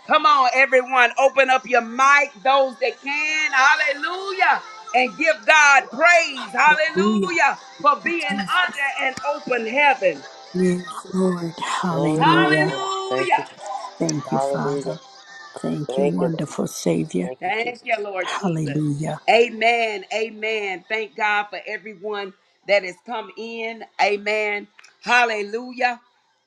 S1: Come on, everyone, open up your mic, those that can. Hallelujah. And give God praise.
S3: Hallelujah,
S1: Hallelujah. For being under
S3: Jesus.
S1: an open heaven.
S3: Yes, Lord.
S2: Glory, glory,
S3: Hallelujah.
S2: glory. Thank
S1: Hallelujah.
S2: you, Jesus.
S3: Thank you,
S2: Hallelujah.
S3: Father. Thank you,
S2: Thank you, Lord.
S3: wonderful Savior.
S2: Thank you,
S1: Thank you,
S2: Jesus.
S1: Lord Jesus.
S3: Hallelujah.
S1: Amen. Amen. Thank God for everyone that has come in. Amen. Hallelujah.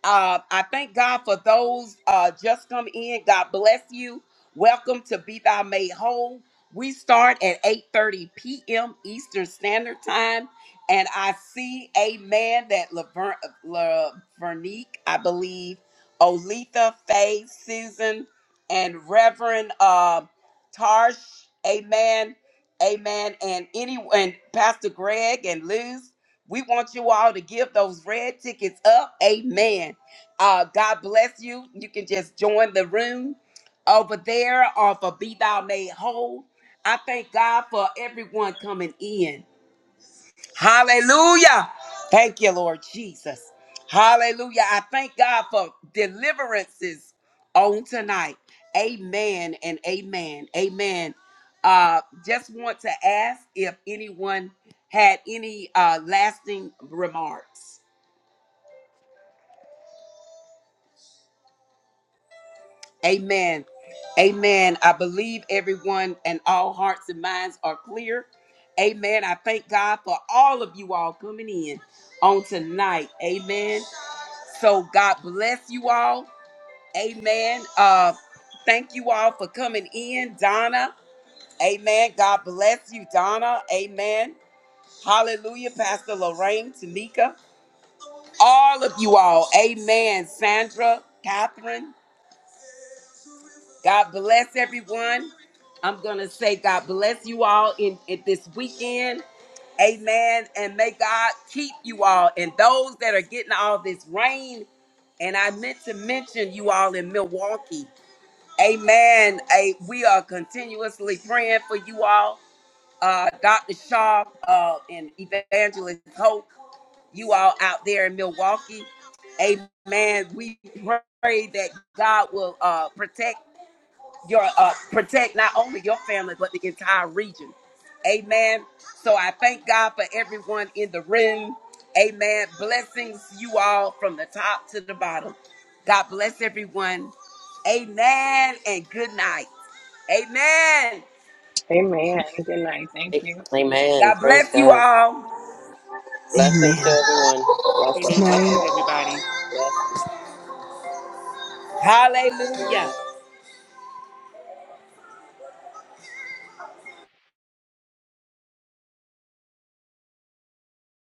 S1: Uh, I thank God for those uh, just come in. God bless you. Welcome to Be Thou Made Whole. We start at 8:30 p.m. Eastern Standard Time, and I see, Amen, that Laverne, Lavernique, I believe, Olitha, Faye, Susan, and Reverend. uh, Tarsh, amen, amen, and anyone, and Pastor Greg and Liz, we want you all to give those red tickets up, amen. Uh, God bless you. You can just join the room over there uh, for Be Thou Made Whole. I thank God for everyone coming in. Hallelujah. Thank you, Lord Jesus. Hallelujah. I thank God for deliverances on tonight. Amen and amen. Amen. Uh, just want to ask if anyone had any uh, lasting remarks. Amen. Amen. I believe everyone and all hearts and minds are clear. Amen. I thank God for all of you all coming in on tonight. Amen. So God bless you all. Amen. Uh thank you all for coming in, Donna. Amen. God bless you, Donna. Amen. Hallelujah, Pastor Lorraine, Tanika, all of you all. Amen. Sandra, Catherine. God bless everyone. I'm going to say God bless you all in, in this weekend. Amen. And may God keep you all and those that are getting all this rain. And I meant to mention you all in Milwaukee. Amen. A, we are continuously praying for you all. Uh, Dr. Shaw uh, and Evangelist Hope you all out there in Milwaukee. Amen. We pray that God will uh, protect your uh, protect not only your family but the entire region. Amen. So I thank God for everyone in the room. Amen. Blessings you all from the top to the bottom. God bless everyone. Amen and good night. Amen.
S4: Amen. Good night. Thank you.
S2: Amen.
S1: God
S2: Praise
S1: bless you
S2: God.
S1: all.
S2: Blessings to
S3: Amen.
S2: everyone.
S3: Good
S2: Blessings.
S3: night.
S2: Blessings.
S1: Hallelujah.